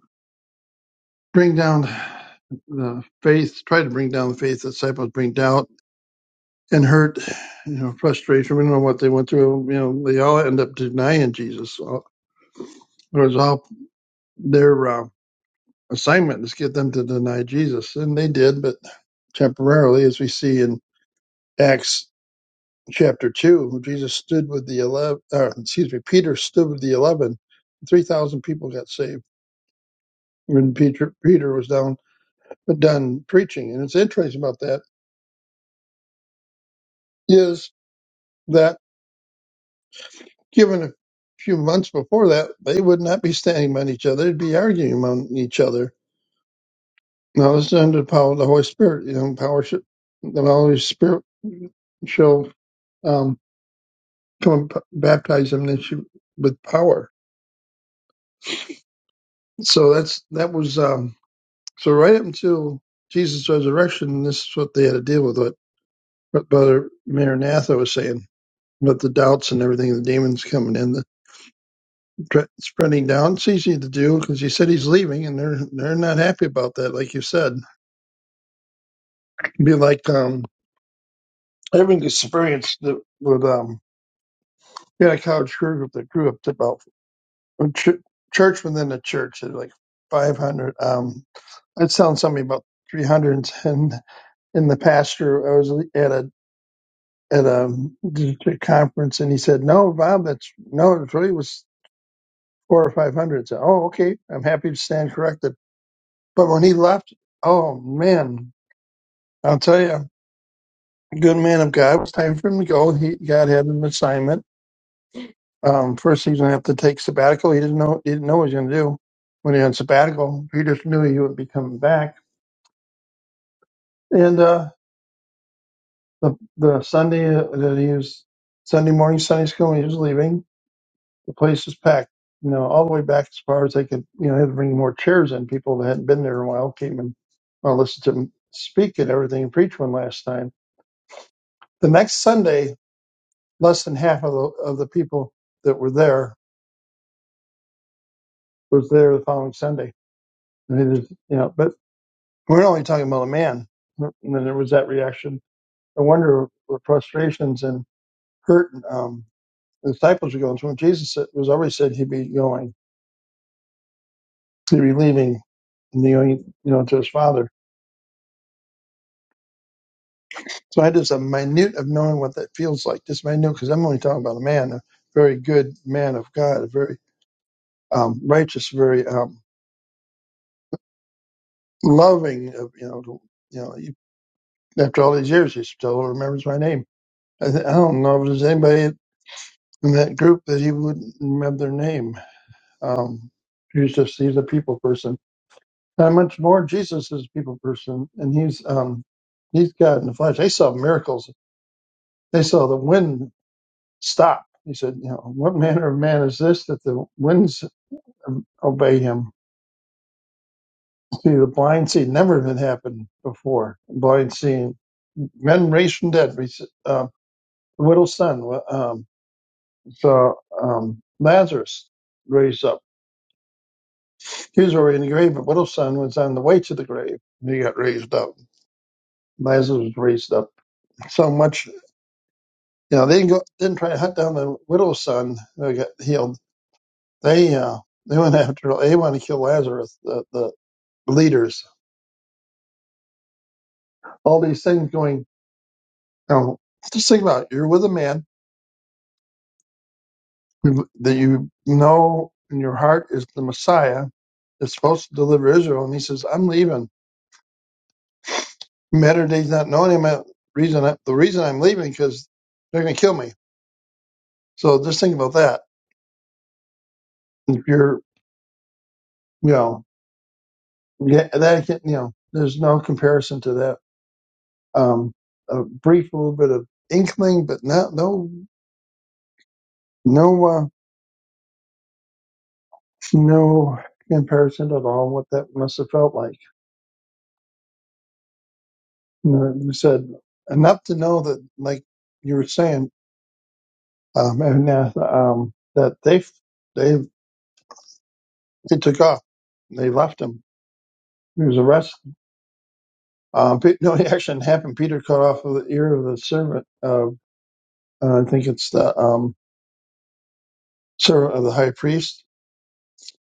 bring down the faith, try to bring down the faith The disciples bring doubt and hurt, you know, frustration. We don't know what they went through. You know, they all end up denying Jesus. All- It was all their uh, assignment is get them to deny Jesus, and they did, but temporarily, as we see in Acts chapter 2 jesus stood with the 11 or excuse me peter stood with the 11 3000 people got saved when peter peter was down uh, done preaching and it's interesting about that is that given a few months before that they would not be standing by each other they'd be arguing among each other now this is under the power of the holy spirit you know power should the holy spirit shall um come and p- baptize them and she- with power so that's that was um, So right up until Jesus' resurrection, this is what they had to deal with. What, what Brother Maranatha was saying about the doubts and everything, the demons coming in, the threat spreading down. It's easy to do because he said he's leaving, and they're they're not happy about that. Like you said, It'd be like um, having experience that with um, we had a college crew group that grew up to about a ch- church within a church, at like five hundred. Um, I I'd sound something about three hundred and ten in the pasture. I was at a at a, a conference and he said, "No, Bob, that's no, it really was four or five hundred." So, oh, okay, I'm happy to stand corrected. But when he left, oh man, I'll tell you, good man of God. It was time for him to go. He God had an assignment. Um, first, he's gonna have to take sabbatical. He didn't know he didn't know what he was gonna do when he had sabbatical. He just knew he would be coming back. And uh, the the Sunday that he was Sunday morning Sunday school, when he was leaving The place is packed, you know, all the way back as far as they could. You know, they had to bring more chairs in. People that hadn't been there in a while came and well, listened to him speak and everything and preach one last time. The next Sunday, less than half of the, of the people that were there was there the following Sunday. I mean, there's- you know, but we're only talking about a man. And then there was that reaction. I wonder the frustrations and hurt um, the disciples were going through. Jesus said- was always said he'd be going, he'd be leaving and going, you know, to his father. So I just a minute of knowing what that feels like, just minute, because I'm only talking about a man, a very good man of God, a very um, righteous, very um, loving. Of, you know, to- you know. You, after all these years, he still remembers my name. I, th- I don't know if there's anybody in that group that he wouldn't remember their name. Um, he's just he's a people person. Not much more. Jesus is a people person, and he's um, he's God in the flesh. They saw miracles. They saw the wind stop. He said, you know, what manner of man is this that the winds obey him? See, the blind see never had happened before. Blind seeing men raised from dead. We s- Uh, the widow's son um, saw um, Lazarus raised up. He was already in the grave, but widow's son was on the way to the grave. He got raised up. Lazarus was raised up. So much, you know, they didn't, go, didn't try to hunt down the widow's son who got healed. They uh, they went after. They wanted to kill Lazarus. the, the leaders, all these things going. You know, just think about it. You're with a man who- that you know in your heart is the Messiah that's supposed to deliver Israel, and he says, "I'm leaving." Matter of days not knowing him. uh, Reason I- the reason I'm leaving because they're going to kill me. So just think about that. If you're, you know, yeah, that can, you know, there's no comparison to that. Um, a brief little bit of inkling, but not no no uh, no comparison at all. What that must have felt like. you said enough to know that, like you were saying, um, and, uh, um, that they they they took off, they left him. He was arrested. Um, Pe- no, it actually happened. Peter cut off the ear of the servant of uh, I think it's the um, servant of the high priest,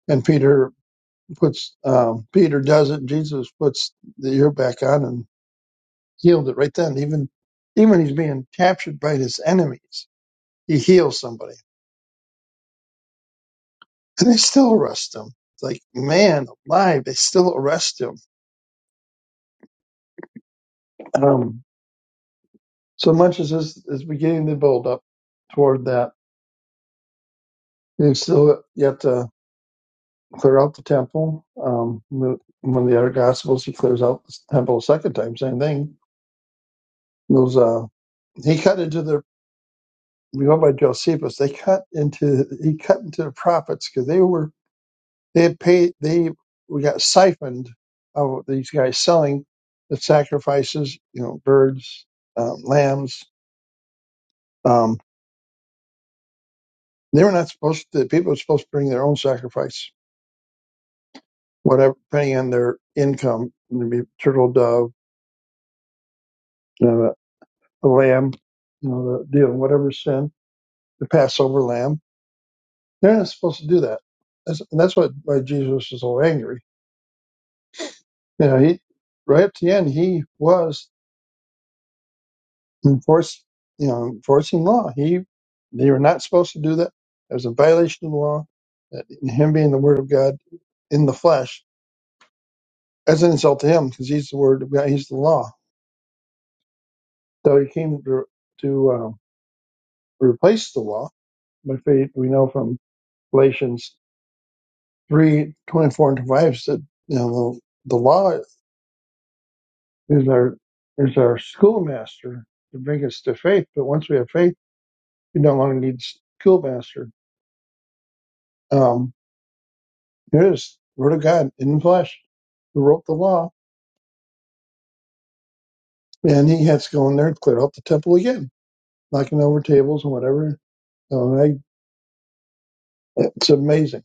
and Peter puts um, Peter does it. Jesus puts the ear back on and healed it right then. Even even he's being captured by his enemies, he heals somebody and they still arrest him. It's like, man alive, they still arrest him. Um, so much as is, is beginning to build up toward that. He still yet to clear out the temple. Um, the- one of the other gospels, he clears out the temple a second time, same thing. Those, uh, he cut into their, we know by Josephus, they cut into, he cut into the prophets because they were They paid. They we got siphoned of these guys selling the sacrifices. You know, birds, um, lambs. Um, they were not supposed to. People were supposed to bring their own sacrifice, whatever, depending on their income. Maybe turtle dove, you know, the lamb, you know, the deal, whatever sin, the Passover lamb. They're not supposed to do that. That's, and that's what why Jesus was so angry. You know, he right up to the end he was enforce you know enforcing law he they were not supposed to do that it was a violation of the law that him being the word of god in the flesh as an insult to him because he's the word of god he's the law so he came to, to um, replace the law by faith we know from galatians 3 24 and 25 that you know the, the law is our is our schoolmaster to bring us to faith but once we have faith we no longer need schoolmaster Um, Here it is, word of God in the flesh, who wrote the law, and he had to go in there and clear out the temple again, knocking over tables and whatever. So I, it's amazing.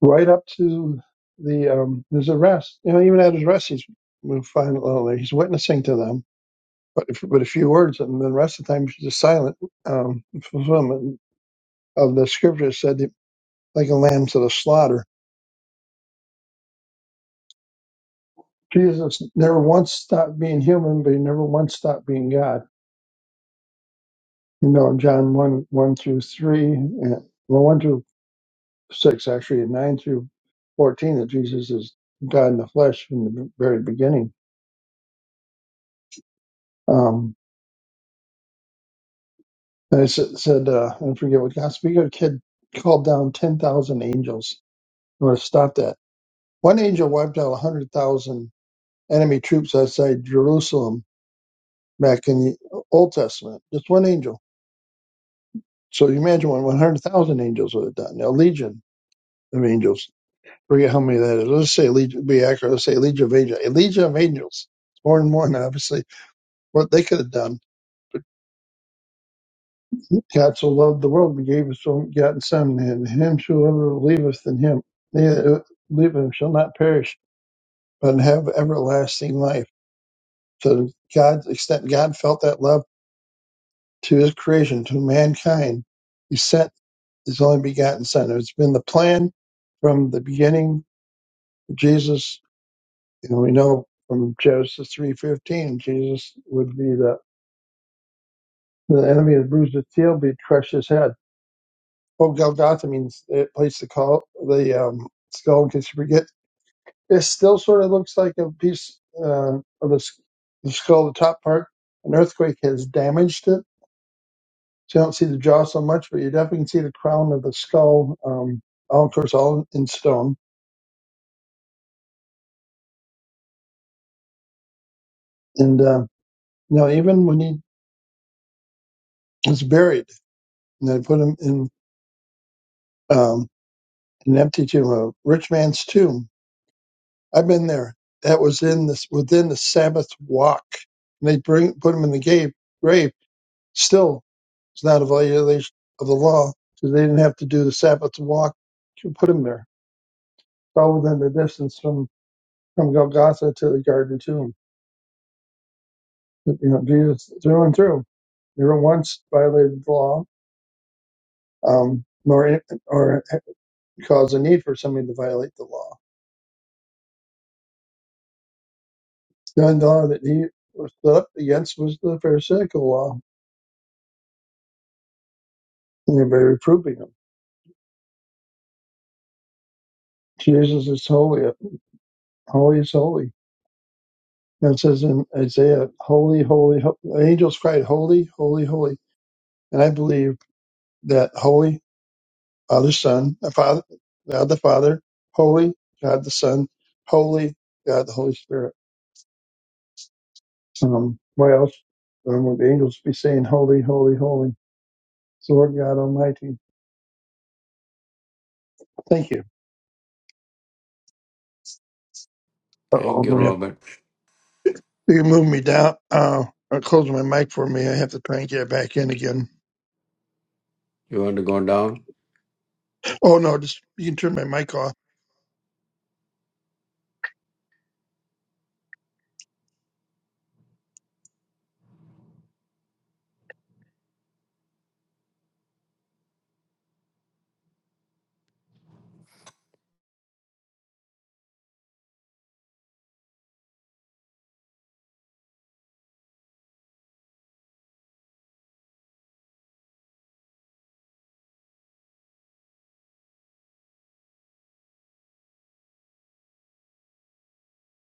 Right up to the um, his arrest, you know, even at his arrest, he's we'll find out later, he's witnessing to them, but if, but a few words, and the rest of the time he's just silent. Um, fulfillment of the scripture said, like a lamb to the slaughter. Jesus never once stopped being human, but he never once stopped being God you know, John 1, 1 through 3, and, well, 1 through 6, actually, and 9 through 14, that Jesus is God in the flesh from the very beginning. Um, and it sa- said, uh, I forget what God speak of a kid called down 10,000 angels. I'm going to stop that. One angel wiped out 100,000 enemy troops outside Jerusalem back in the Old Testament. Just one angel. So you imagine what 100,000 angels would have done, a legion of angels forget how many that is. Let's say Legion, be accurate. Let's say Legion of Angels. A Legion of Angels. It's more and more now, obviously, what they could have done. But God so loved the world, he gave his own begotten Son, and him whoever believeth in him, they that believe in him shall not perish, but have everlasting life. To God's extent, God felt that love to his creation, to mankind. He sent his only begotten Son. It's been the plan from the beginning. of Jesus And we know from Genesis 3.15, Jesus would be the, the enemy that bruised his heel, be crushed his head. Well, Golgotha means it place the call, the um, skull, in case you forget. It still sort of looks like a piece uh, of the, s- the skull, the top part. An earthquake has damaged it. So you don't see the jaw so much, but you definitely can see the crown of the skull, um, all, of course, all in stone. And, uh, you know, even when he was buried and they put him in, Um, an empty tomb, a rich man's tomb. I've been there. That was in this within the Sabbath walk. And they bring put him in the grave. Grave still, it's not a violation of the law because they didn't have to do the Sabbath walk to put him there. It's all within the distance from from Golgotha to the Garden Tomb. you know, Jesus through and through never once violated the law, um, nor or caused a need for somebody to violate the law. done all that he was up against was the Pharisaical law. And they were reproving him. Jesus is holy, holy is holy. And it says in Isaiah, holy, holy, holy. The angels cried, holy, holy, holy. And I believe that holy, Father, Son, the Father, God the Father, holy, God the Son, holy, God the Holy Spirit. Um, why else um, would the angels be saying holy, holy, holy? It's the Lord God Almighty. Thank you. Uh-oh, I'm
Thank you,
gonna have
Robert.
You can move me down. Uh, or close my mic for me. I have to try and get it back in again.
You want to go down?
Oh no, just you can turn my mic off.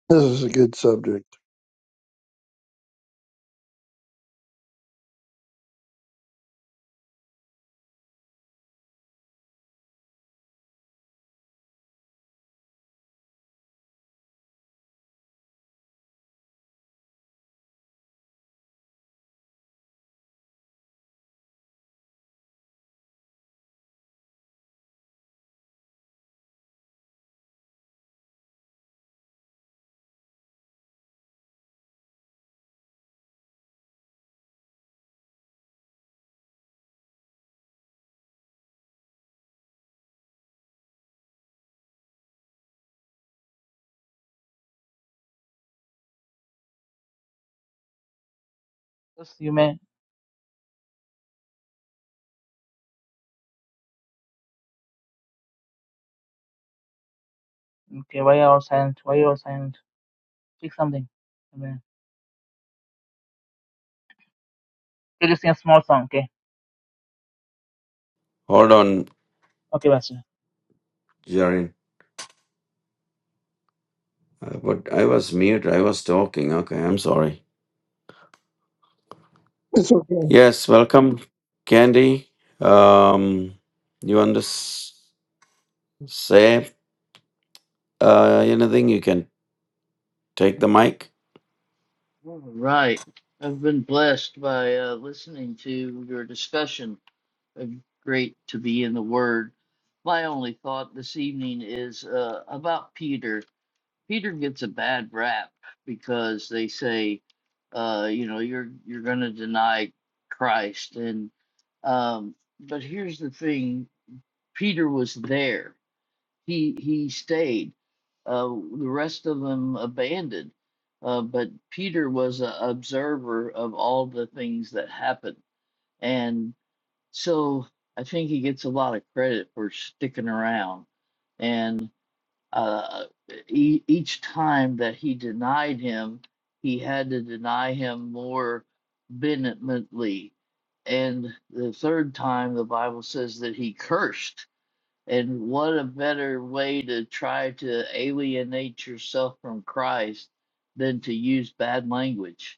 This is a good subject.
Just you may okay, why you all silent? Why you all silent? Pick something. Amen. Okay, just sing a small song, okay?
Hold on,
Okay, Pastor.
Jarin. Uh, But I was mute. I was talking. Okay, I'm sorry.
It's okay.
Yes, welcome, Candy. Um, you want to s- say uh, anything? You can take the mic.
All right. I've been blessed by uh, listening to your discussion. It's great to be in the Word. My only thought this evening is uh, about Peter. Peter gets a bad rap because they say, uh, you know, you're you're going to deny Christ, and um, but here's the thing: Peter was there he he stayed. Uh, the rest of them abandoned. Uh, but Peter was an observer of all the things that happened, and so I think he gets a lot of credit for sticking around. And uh, e- each time that he denied him, he had to deny him more vehemently. And the third time, the Bible says that he cursed and what a better way to try to alienate yourself from Christ than to use bad language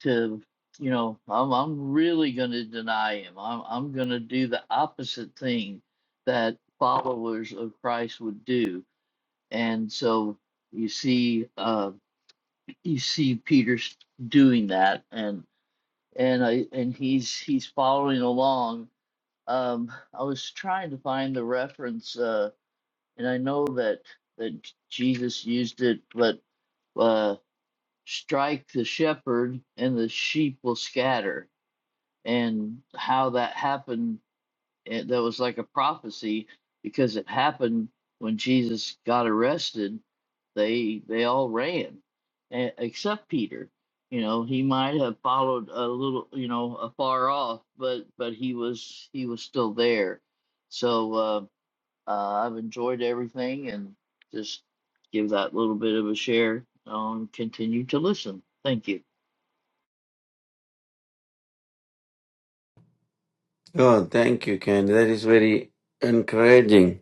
to you know I'm I'm really going to deny him. I'm I'm going to do the opposite thing that followers of Christ would do. And so you see uh you see Peter doing that and and I and he's he's following along. Um I was trying to find the reference Uh and I know that that Jesus used it, but uh, strike the shepherd and the sheep will scatter. And how that happened, eh, that was like a prophecy because it happened when Jesus got arrested. They they all ran, eh, except Peter. You know, he might have followed a little, you know, afar off, but but he was he was still there. So. Uh, uh, I've enjoyed everything and just give that little bit of a share. Um, continue to listen. Thank you.
Oh, thank you, Ken. That is very encouraging.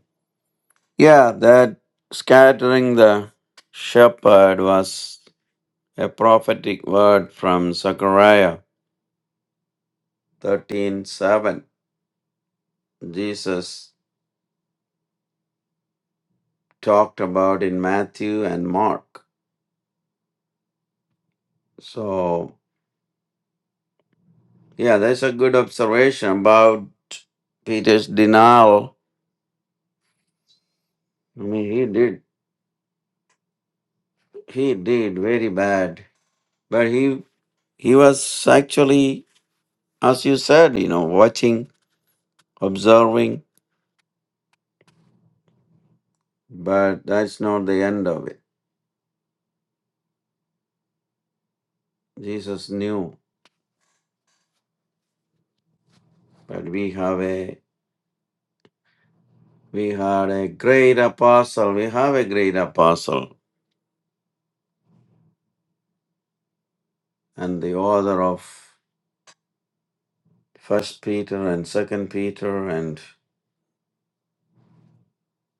Yeah, that scattering the shepherd was a prophetic word from Zechariah 13:7. Jesus talked about in Matthew and Mark. So, yeah, that's a good observation about Peter's denial. I mean, he did he did very bad, but he he was actually as you said, you know, watching observing, but that's not the end of it. Jesus knew that we have a we had a great apostle, we have a great apostle, and the author of First Peter and Second Peter, and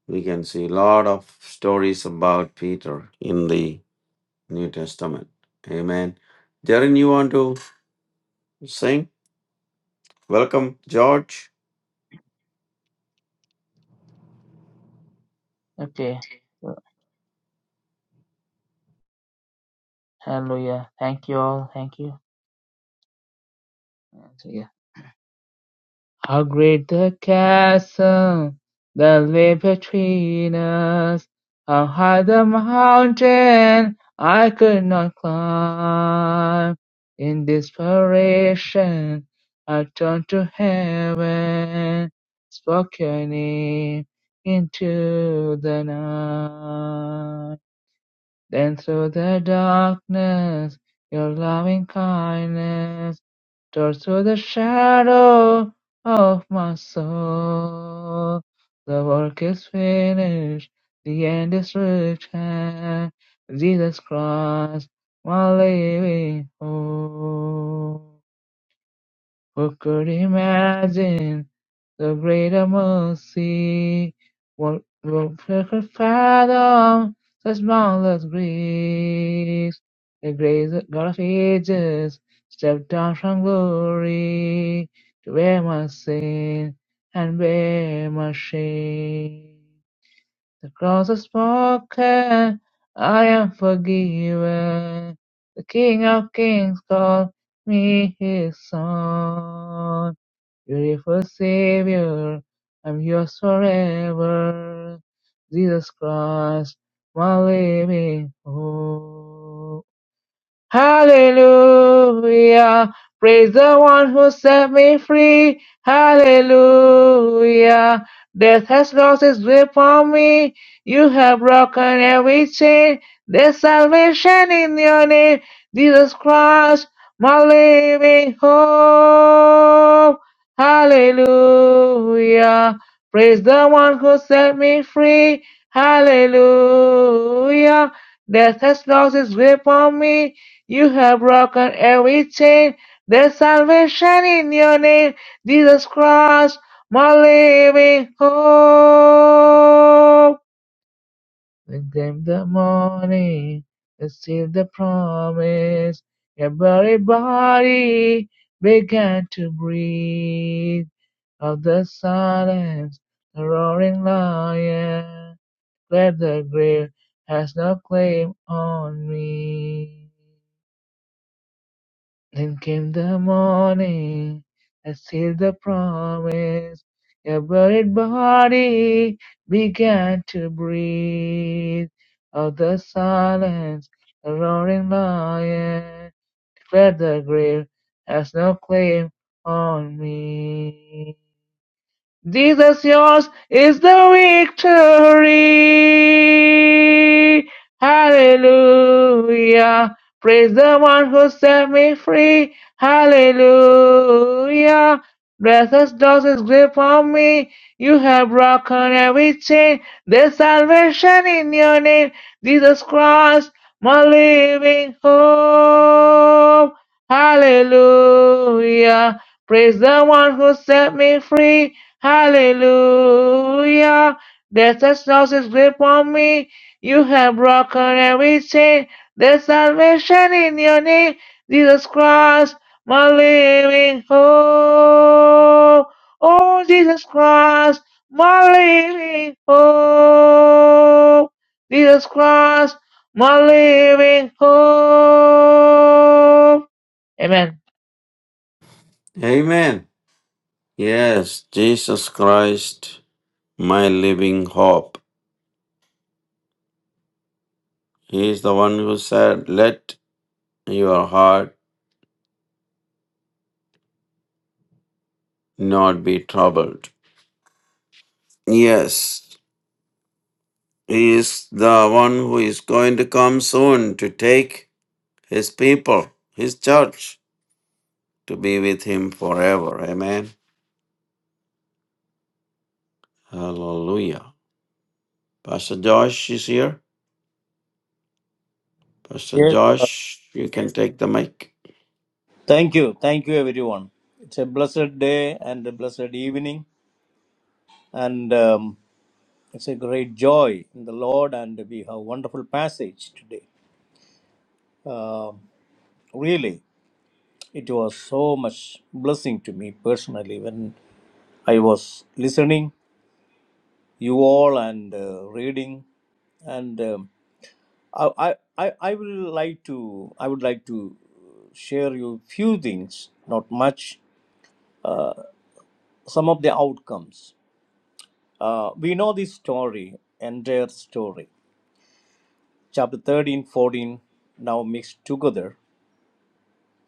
we can see a lot of stories about Peter in the New Testament. Amen. Jaren, you want to sing? Welcome, George.
Okay. Hallelujah. Thank you all. Thank you. And so, yeah. How great the castle that lay between us! How high the mountain I could not climb! In desperation, I turned to heaven, spoke your name into the night. Then through the darkness, your loving kindness tore through the shadow of my soul. The work is finished, the end is reached, and Jesus Christ, my living hope. Who could imagine the greater mercy? What what could fathom such boundless grace? The grace of God of ages stepped down from glory to bear my sin and bear my shame. The cross is broken, I am forgiven. The King of Kings called me his son. Beautiful Savior, I'm yours forever. Jesus Christ, my living hope. Hallelujah. Praise the one who set me free. Hallelujah. Death has lost its grip on me. You have broken every chain. There's salvation in your name. Jesus Christ, my living hope. Hallelujah. Praise the one who set me free. Hallelujah. Death has lost its grip on me. You have broken every chain. There's salvation in your name, Jesus Christ, my living hope. And then came the morning, and still the promise. Everybody began to breathe of the silence, the roaring lion. Glad the grave has no claim on me. Then came the morning, I sealed the promise. Your buried body began to breathe. Of the silence, a roaring lion declared the grave has no claim on me. Jesus, yours is the victory. Hallelujah. Praise the one who set me free. Hallelujah. Blessed does his grip on me. You have broken every chain. There's salvation in your name. Jesus Christ, my living hope. Hallelujah. Praise the one who set me free. Hallelujah. Death has lost its grip on me. You have broken every chain. There's salvation in your name. Jesus Christ, my living hope. Oh, Jesus Christ, my living hope. Jesus Christ, my living hope. Amen.
Amen. Yes, Jesus Christ, my living hope. He is the one who said, Let your heart not be troubled. Yes, He is the one who is going to come soon to take His people, His church, to be with Him forever. Amen. Hallelujah. Pastor Josh is here. Pastor
Yes.
Josh, you can take the mic.
Thank you. Thank you, everyone. It's a blessed day and a blessed evening, and um, it's a great joy in the Lord, and we have wonderful passage today. Um really, it was so much blessing to me personally when I was listening you all and uh, reading, and um, I, I, I I will like to, I would like to share you few things, not much, some of the outcomes. Uh, we know this story, entire story. Chapter 13, 14 now mixed together.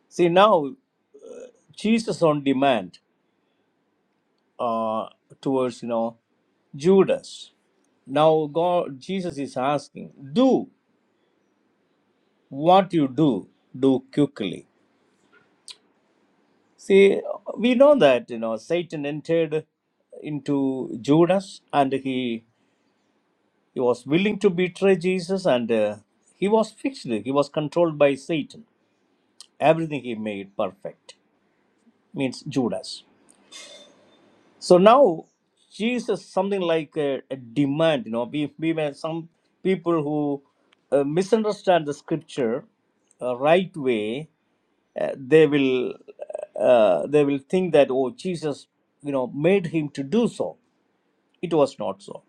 See, now Jesus on demand uh, towards, you know, Judas. Now God, Jesus is asking, do what you do, do quickly. See, we know that, you know, Satan entered into Judas and he, he was willing to betray Jesus and uh, he was fixed, he was controlled by Satan everything he made perfect means judas so now jesus something like a, a demand you know we, we may some people who uh, misunderstand the scripture uh, right way uh, they will uh, uh, they will think that oh jesus you know made him to do so it was not so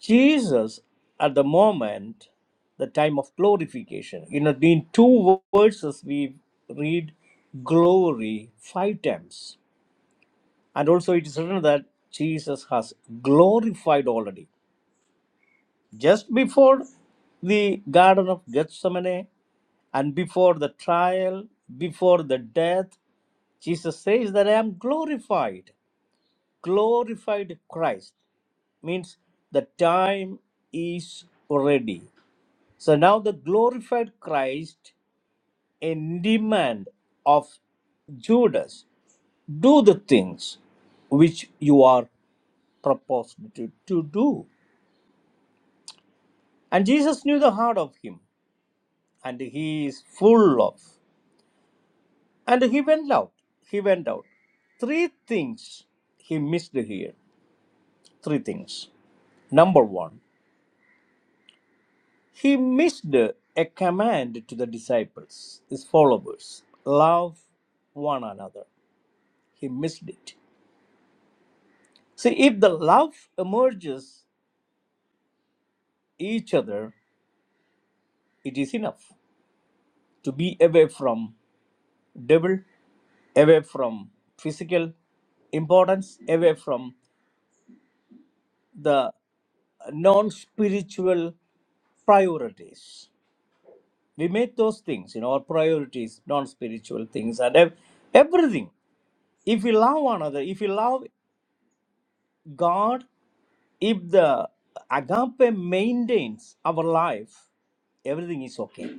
Jesus, at the moment, the time of glorification, you know, in two verses we read glory five times. And also it is written that Jesus has glorified already. Just before the Garden of Gethsemane and before the trial, before the death, Jesus says that I am glorified. Glorified Christ means the time is ready So now the glorified Christ in demand of Judas, do the things which you are proposed to, to do. And Jesus knew the heart of him, and he is full of. And he went out. He went out. Three things he missed here. Three things. Number one, he missed a command to the disciples, his followers love one another. He missed it. See, if the love emerges each other, it is enough to be away from devil, away from physical importance, away from the non-spiritual priorities. We make those things, you know, our priorities, non-spiritual things, and ev- everything. If we love one another, if we love God, if the agape maintains our life, everything is okay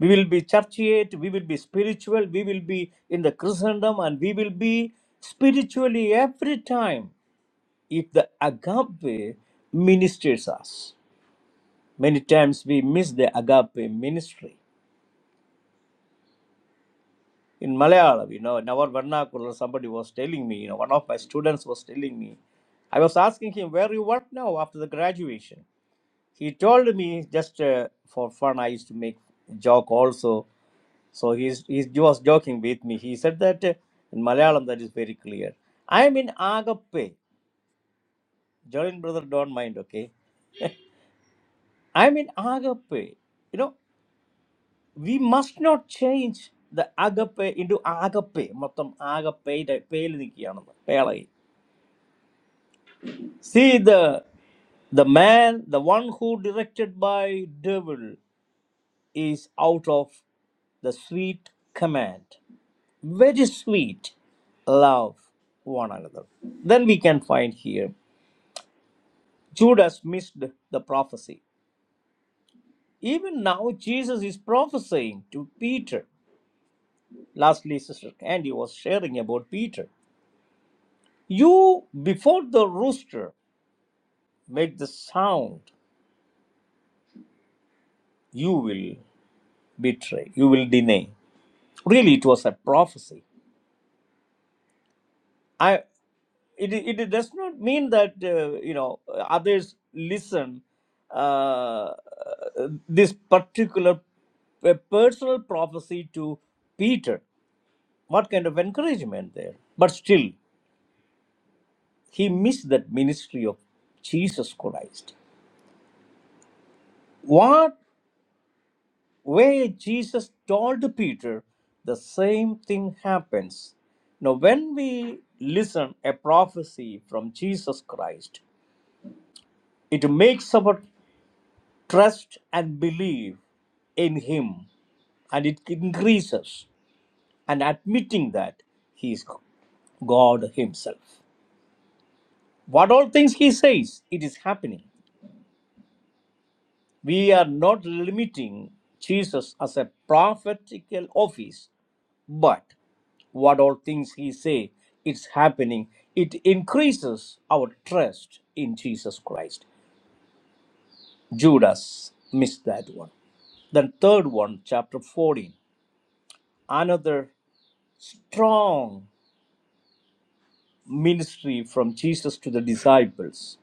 We will be churchiate, we will be spiritual, we will be in the Christendom, and we will be spiritually every time if the agape ministers us. Many times we miss the agape ministry. In Malayalam, you know, in our vernacular, somebody was telling me, you know, one of my students was telling me, I was asking him, where you work now after the graduation? he told me just uh, for fun i used to make joke also so he's, he's, he was joking with me he said that uh, in malayalam that is very clear i am in agape jolin brother don't mind okay i am in agape you know we must not change the agape into agape മൊത്തം agape ടെ പേര് നിൽക്കുകയാണെന്ന് പേളായി see the the man the one who directed by devil is out of the sweet command. Very sweet love one another. Then we can find here Judas missed the prophecy. Even now, Jesus is prophesying to Peter. Lastly, Sister Candy was sharing about Peter. You, before the rooster make the sound, you will betray, you will deny. Really, it was a prophecy. I. it, it it does not mean that uh, you know others listen uh, this particular uh, personal prophecy to peter what kind of encouragement there but still he missed that ministry of jesus christ what way jesus told peter the same thing happens now when we listen a prophecy from jesus christ it makes our Trust and believe in Him, and it increases. And admitting that He is God Himself. What all things He says, it is happening. We are not limiting Jesus as a prophetical office, but what all things He say, it's happening. It increases our trust in Jesus Christ. Judas missed that one. Then third one, chapter 14. Another strong ministry from Jesus to the disciples.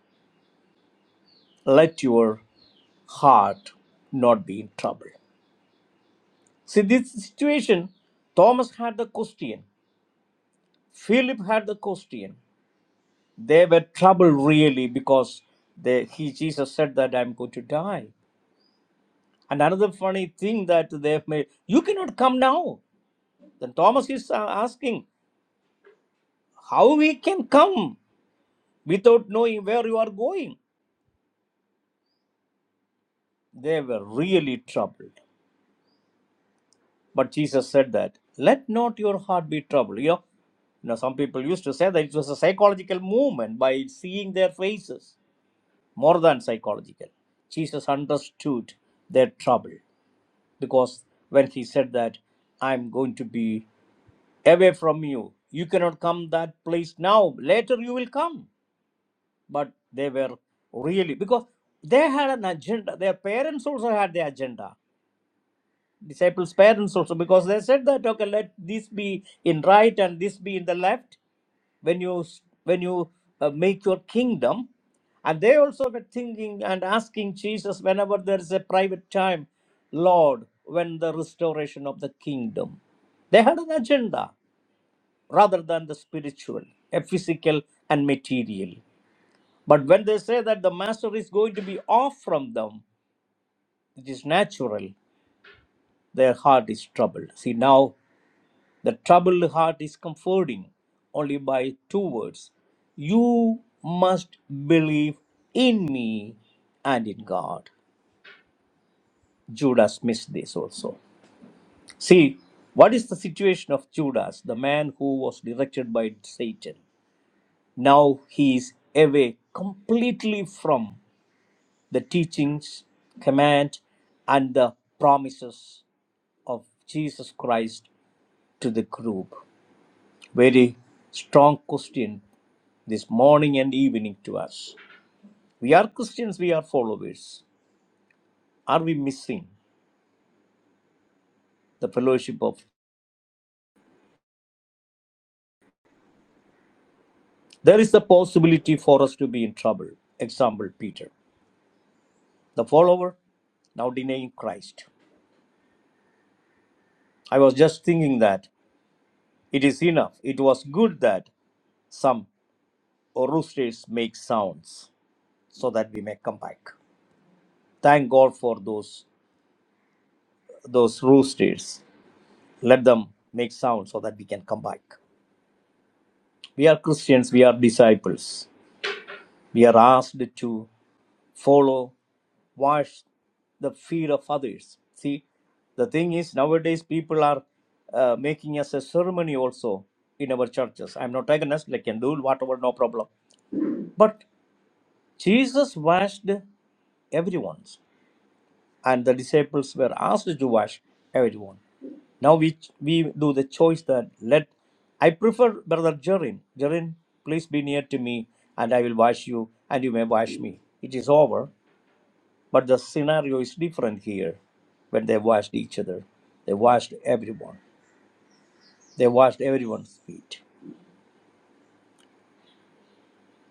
Let your heart not be in trouble. See, this situation, Thomas had the question, Philip had the question. They were troubled really because they, he, Jesus said that I'm going to die. And another funny thing that they've made, you cannot come now. Then Thomas is uh, asking, how we can come without knowing where you are going? They were really troubled. But Jesus said that, let not your heart be troubled. You know, you know, some people used to say that it was a psychological movement by seeing their faces, more than psychological. Jesus understood their trouble because when he said that, I'm going to be away from you, you cannot come that place now. Later you will come. But they were really, because they had an agenda. Their parents also had their agenda disciples' parents also, because they said that okay, let this be in right and this be in the left when you when you uh, make your kingdom, and they also were thinking and asking Jesus whenever there is a private time, Lord, when the restoration of the kingdom. They had an agenda rather than the spiritual, a physical and material. But when they say that the master is going to be off from them, it is natural, their heart is troubled. See, now The troubled heart is comforting only by two words You must believe in me and in God. Judas missed this also. See, what is the situation of Judas, the man who was directed by Satan? Now he is away completely from the teachings, command, and the promises of Jesus Christ to the group. Very strong question this morning and evening to us. We are Christians, we are followers. Are we missing the fellowship of? There is the possibility for us to be in trouble. Example Peter, the follower, now denying Christ. I was just thinking that it is enough. It was good that some roosters make sounds so that we may come back. Thank God for those those roosters. Let them make sounds so that we can come back. We are Christians, we are disciples We are asked to follow, wash the feet of others. See, the thing is, nowadays people are uh, making us a ceremony also in our churches. I'm not against, like, can do whatever, no problem. But Jesus washed everyone's, and the disciples were asked to wash everyone. Now we we do the choice that let I prefer brother Jerin. Jerin, please be near to me, and I will wash you, and you may wash me. It is over. But the scenario is different here when they washed each other. They washed everyone. They washed everyone's feet.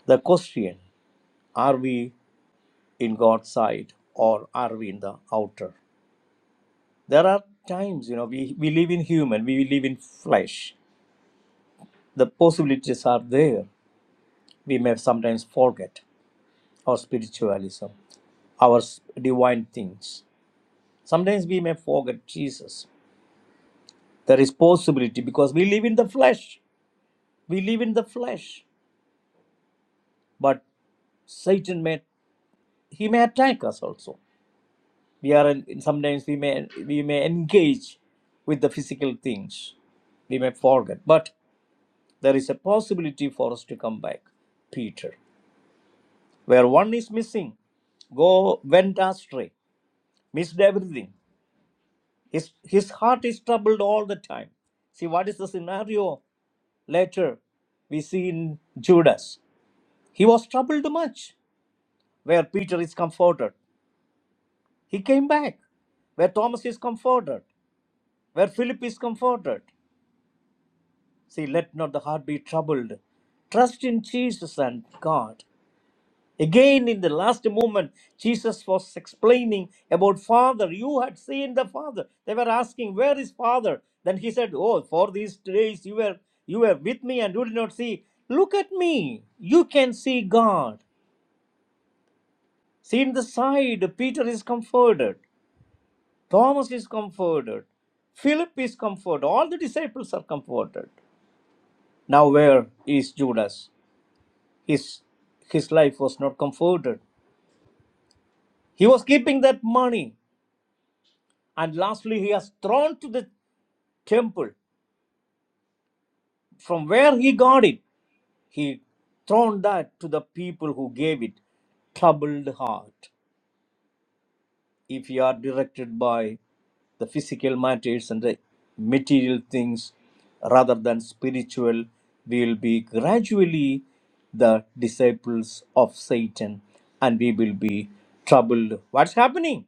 The question are we in God's side or are we in the outer? There are times, you know, we, we live in human, we live in flesh. The possibilities are there. We may sometimes forget our spiritualism, our s- divine things. Sometimes we may forget Jesus. There is possibility because we live in the flesh. We live in the flesh. but. Satan may he may attack us also. We are sometimes we may we may engage with the physical things. We may forget, but there is a possibility for us to come back. Peter, where one is missing, go went astray, missed everything. His his heart is troubled all the time. See what is the scenario later we see in Judas. He was troubled much. Where Peter is comforted, he came back. Where Thomas is comforted, where Philip is comforted. See, let not the heart be troubled. Trust in Jesus and God. Again, in the last moment, Jesus was explaining about Father. You had seen the Father. They were asking, Where is Father? Then he said, Oh, for these days you were you were with me and you did not see. Look at me. You can see God. See in the side, Peter is comforted. Thomas is comforted. Philip is comforted. All the disciples are comforted. Now where is Judas? His his life was not comforted. He was keeping that money, and lastly he has thrown to the temple. From where he got it, he thrown that to the people who gave it. Troubled heart. If you are directed by the physical matters and the material things rather than spiritual will be gradually the disciples of satan and we will be troubled what's happening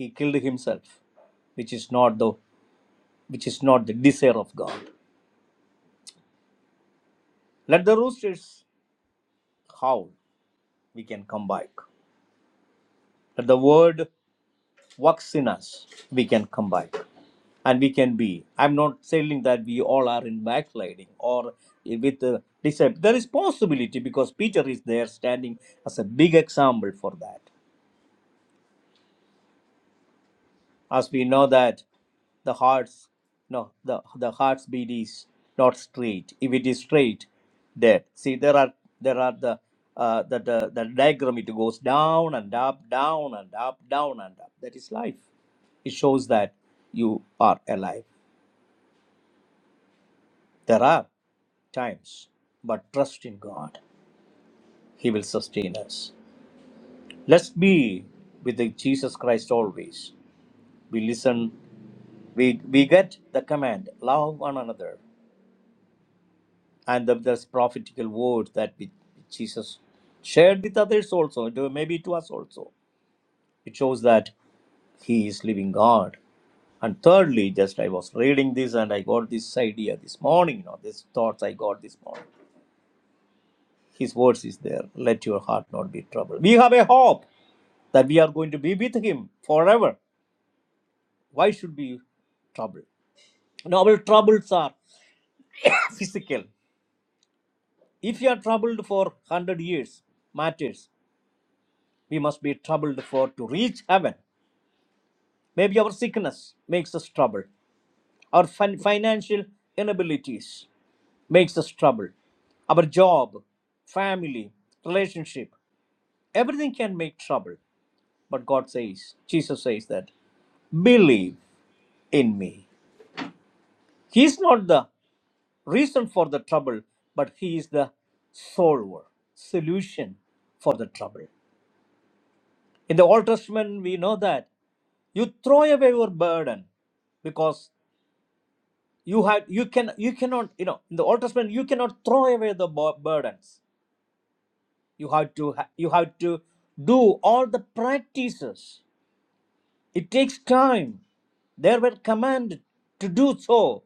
he killed himself which is not the which is not the desire of god let the roosters howl we can come back let the word works in us, we can come back. And we can be. I'm not saying that we all are in backsliding or with the disciple. There is possibility because Peter is there standing as a big example for that. as we know that the heart's no the the heart's beat is not straight if it is straight dead see there are there are the uh, the, the the diagram it goes down and up down and up down and up that is life it shows that you are alive there are times but trust in god he will sustain us let's be with the jesus christ always we listen we we get the command love one another and the, this prophetical word that we, Jesus shared with others also, it- maybe to us also. It shows that He is living God. And thirdly, just I was reading this and I got this idea this morning, you know, these thoughts I got this morning. His words is there. Let your heart not be troubled. We have a hope that we are going to be with Him forever. Why should we trouble? Now, our troubles are physical. If you are troubled for 100 years, matters. we must be troubled for to reach heaven. Maybe our sickness makes us trouble. Our fin- financial inabilities makes us trouble. Our job, family, relationship, everything can make trouble. But God says, Jesus says that, believe in me. He is not the reason for the trouble, but He is the solver, solution for the trouble. In the Old Testament, we know that you throw away your burden because you had you can you cannot you know in the old testament you cannot throw away the bu- burdens you have to ha- you have to do all the practices it takes time they were commanded to do so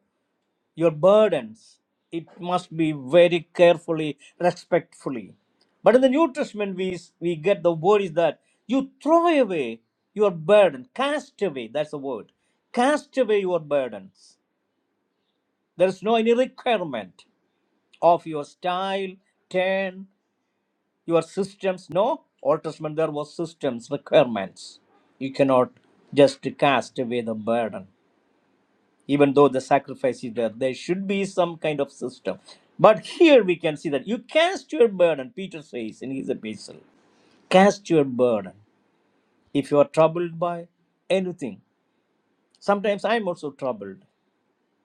your burdens it must be very carefully respectfully but in the new testament we we get the word is that you throw away your burden cast away that's the word cast away your burdens there is no any requirement of your style, turn, your systems. No, Old Testament there was systems, requirements. You cannot just cast away the burden. Even though the sacrifice is there, there should be some kind of system. But here we can see that you cast your burden, Peter says in his epistle. Cast your burden. If you are troubled by anything, sometimes I'm also troubled,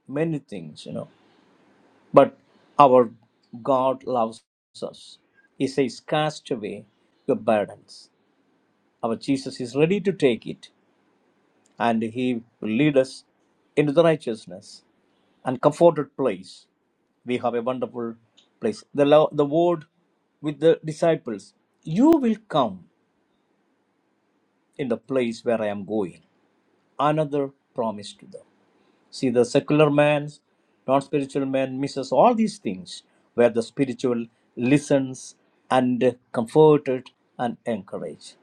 many things, you know. But our God loves us. He says, Cast away your burdens. Our Jesus is ready to take it, and He will lead us into the righteousness and comforted place. We have a wonderful place. The, lo- the word with the disciples, You will come in the place where I am going. Another promise to them. See, the secular man, non spiritual man misses all these things where the spiritual listens and comforted and encouraged.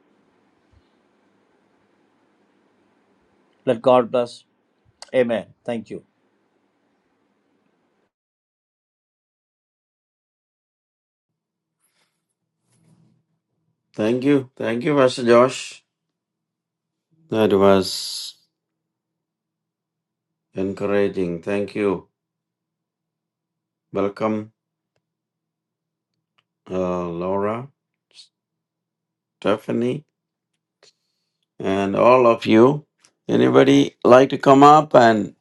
Let God bless. Amen. Thank you.
Thank you. Thank you, Pastor Josh. That was encouraging. Thank you. Welcome, uh, Laura, Stephanie. and all of you. Anybody like to come up and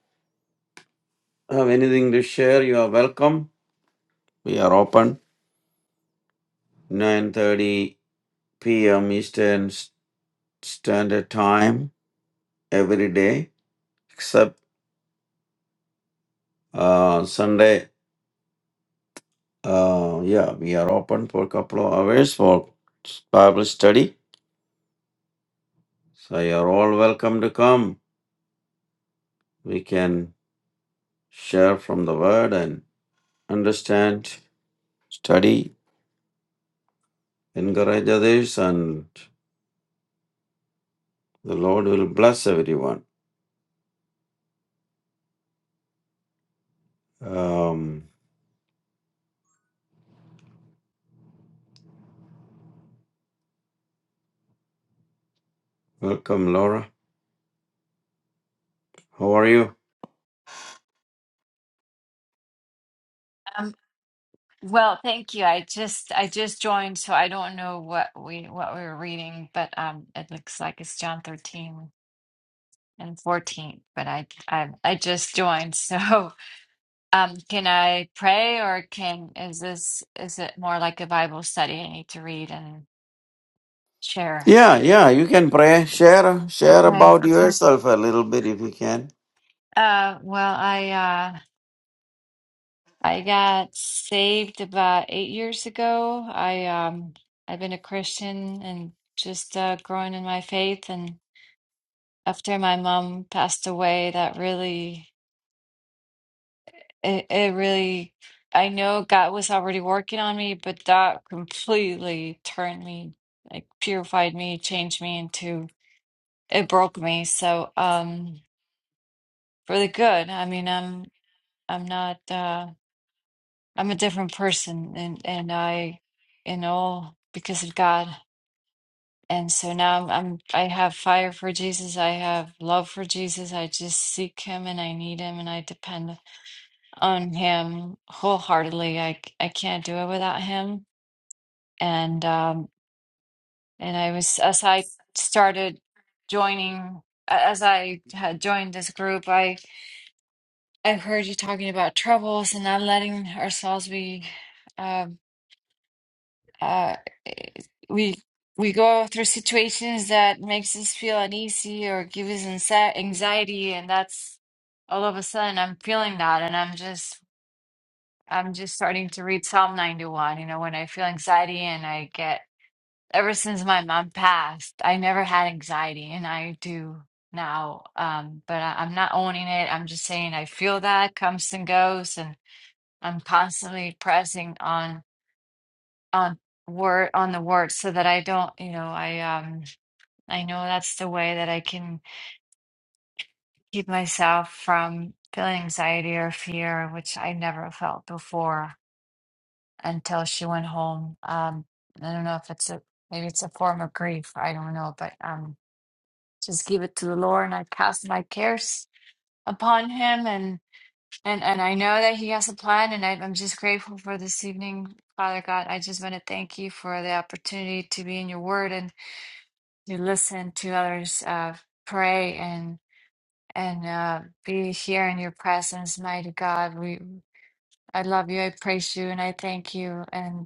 have anything to share? You are welcome. We are open 9:30 p.m. Eastern S- Standard Time every day, except uh, Sunday. Uh, yeah, we are open for a couple of hours for Bible study. So you are all welcome to come. We can share from the Word and understand, study, encourage others, and The Lord will bless everyone. Um, welcome, Laura. How are you?
Um, well, thank you. I just I just joined, so I don't know what we what we were reading, but um, it looks like it's John 13 and 14. But I I I just joined, so um, can I pray or can is this is it more like a Bible study I need to read and share?
Yeah, yeah, you can pray. Share, share
Okay.
about yourself a little bit if you can.
Uh, well, I uh I got saved about eight years ago. I um I've been a Christian and just uh, growing in my faith and. after my mom passed away that really it, it really I know God was already working on me, but that completely turned me, like purified me, changed me into it broke me. So um for the good. I mean I'm I'm not uh I'm a different person and and I you know because of God. And so now I'm, I'm I have fire for Jesus. I have love for Jesus. I just seek him and I need him and I depend on him wholeheartedly. I c- I can't do it without him. And um and I was as I started joining a- as I had joined this group, I I heard you talking about troubles and not letting ourselves be um uh we we go through situations that makes us feel uneasy or give us anxi- anxiety and that's all of a sudden I'm feeling that and I'm just I'm just starting to read Psalm 91. You know, when I feel anxiety and I get, ever since my mom passed, I never had anxiety and I do now. Um, but I, I'm not owning it. I'm just saying I feel that comes and goes and I'm constantly pressing on, on word, on the word so that I don't, you know, I, um, I know that's the way that I can keep myself from feeling anxiety or fear, which I never felt before until she went home. Um, I don't know if it's a maybe it's a form of grief. I don't know, but um, just give it to the Lord, and I cast my cares upon Him, and and and I know that He has a plan, and I, I'm just grateful for this evening, Father God. I just want to thank you for the opportunity to be in Your Word and to listen to others uh, pray and and uh, be here in Your presence, mighty God. We I love you. I praise you, and I thank you, and.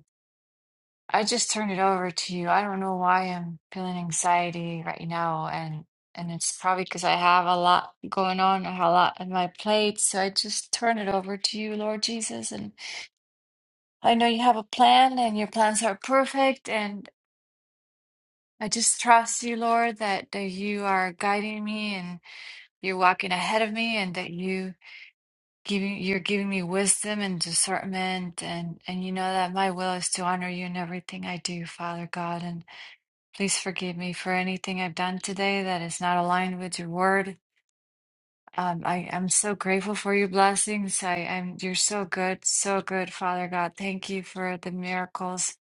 I just turned it over to you. I don't know why I'm feeling anxiety right now, and and it's probably because I have a lot going on, I have a lot on my plate. So I just turn it over to you, Lord Jesus. And I know you have a plan, and your plans are perfect. And I just trust you, Lord, that that you are guiding me, and you're walking ahead of me, and that you giving you're giving me wisdom and discernment, and and you know that my will is to honor you in everything I do, Father God, and. Please forgive me for anything I've done today that is not aligned with your word. Um, I am so grateful for your blessings. I am you're so good, so good, Father God. Thank you for the miracles.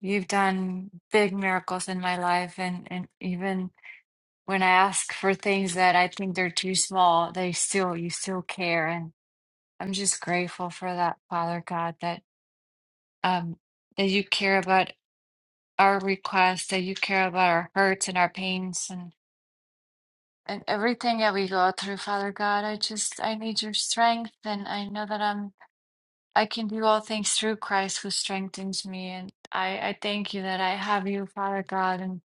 You've done big miracles in my life and and even when I ask for things that I think they're too small, they still you still care and I'm just grateful for that, Father God, that um that you care about our requests, that you care about our hurts and our pains and And everything that we go through, Father God, I just, I need your strength. And I know that I'm, I can do all things through Christ who strengthens me. And I, I thank you that I have you, Father God. And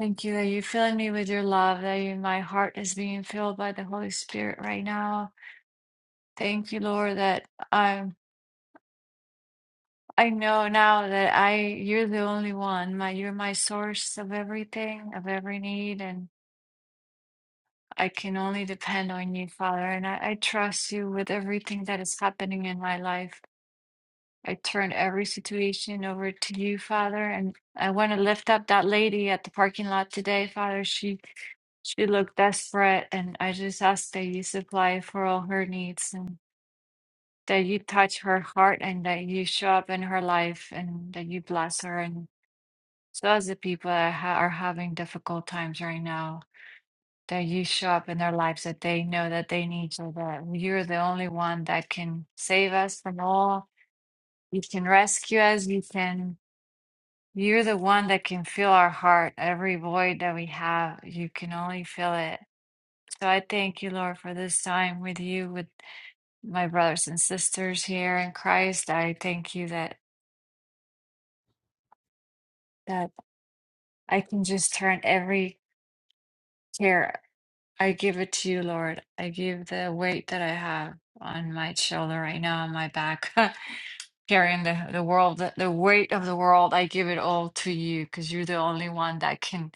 thank you that you're filling me with your love, that you, my heart is being filled by the Holy Spirit right now. Thank you, Lord, that I'm, I know now that I, you're the only one. My, you're my source of everything, of every need. and. I can only depend on you, Father, and I, I trust you with everything that is happening in my life. I turn every situation over to you, Father, and I want to lift up that lady at the parking lot today, Father. She she looked desperate, and I just ask that you supply for all her needs and that you touch her heart and that you show up in her life and that you bless her and so as the people that ha- are having difficult times right now that you show up in their lives, that they know that they need you, that you're the only one that can save us from all. You can rescue us. You can, you're the one that can fill our heart. Every void that we have, you can only fill it. So I thank you, Lord, for this time with you, with my brothers and sisters here in Christ. I thank you that, that I can just turn every care. I give it to you, Lord. I give the weight that I have on my shoulder right now, on my back. carrying the, the world, the, the weight of the world. I give it all to you because you're the only one that can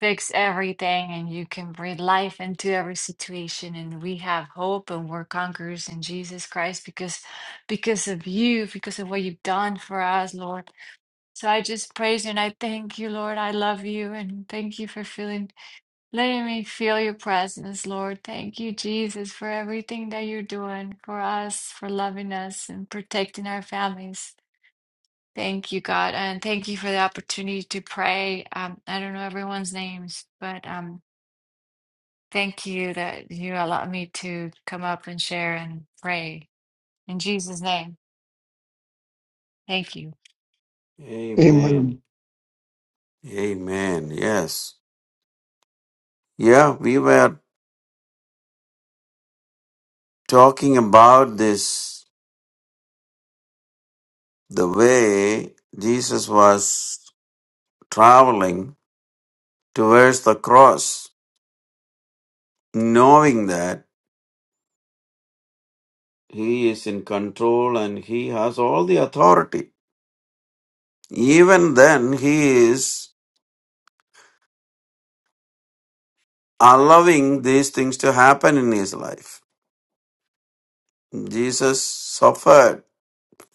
fix everything and you can breathe life into every situation. And we have hope and we're conquerors in Jesus Christ because because of you, because of what you've done for us, Lord. So I just praise you and I thank you, Lord. I love you and thank you for feeling letting me feel your presence, Lord. Thank you, Jesus, for everything that you're doing for us, for loving us and protecting our families. Thank you, God, and thank you for the opportunity to pray. Um, I don't know everyone's names, but um, thank you that you allow me to come up and share and pray in Jesus' name. Thank you.
Amen.
Amen. Amen. Yes. Yeah, we were talking about this the way Jesus was traveling towards the cross, knowing that he is in control and he has all the authority. Even then, he is allowing these things to happen in his life. Jesus suffered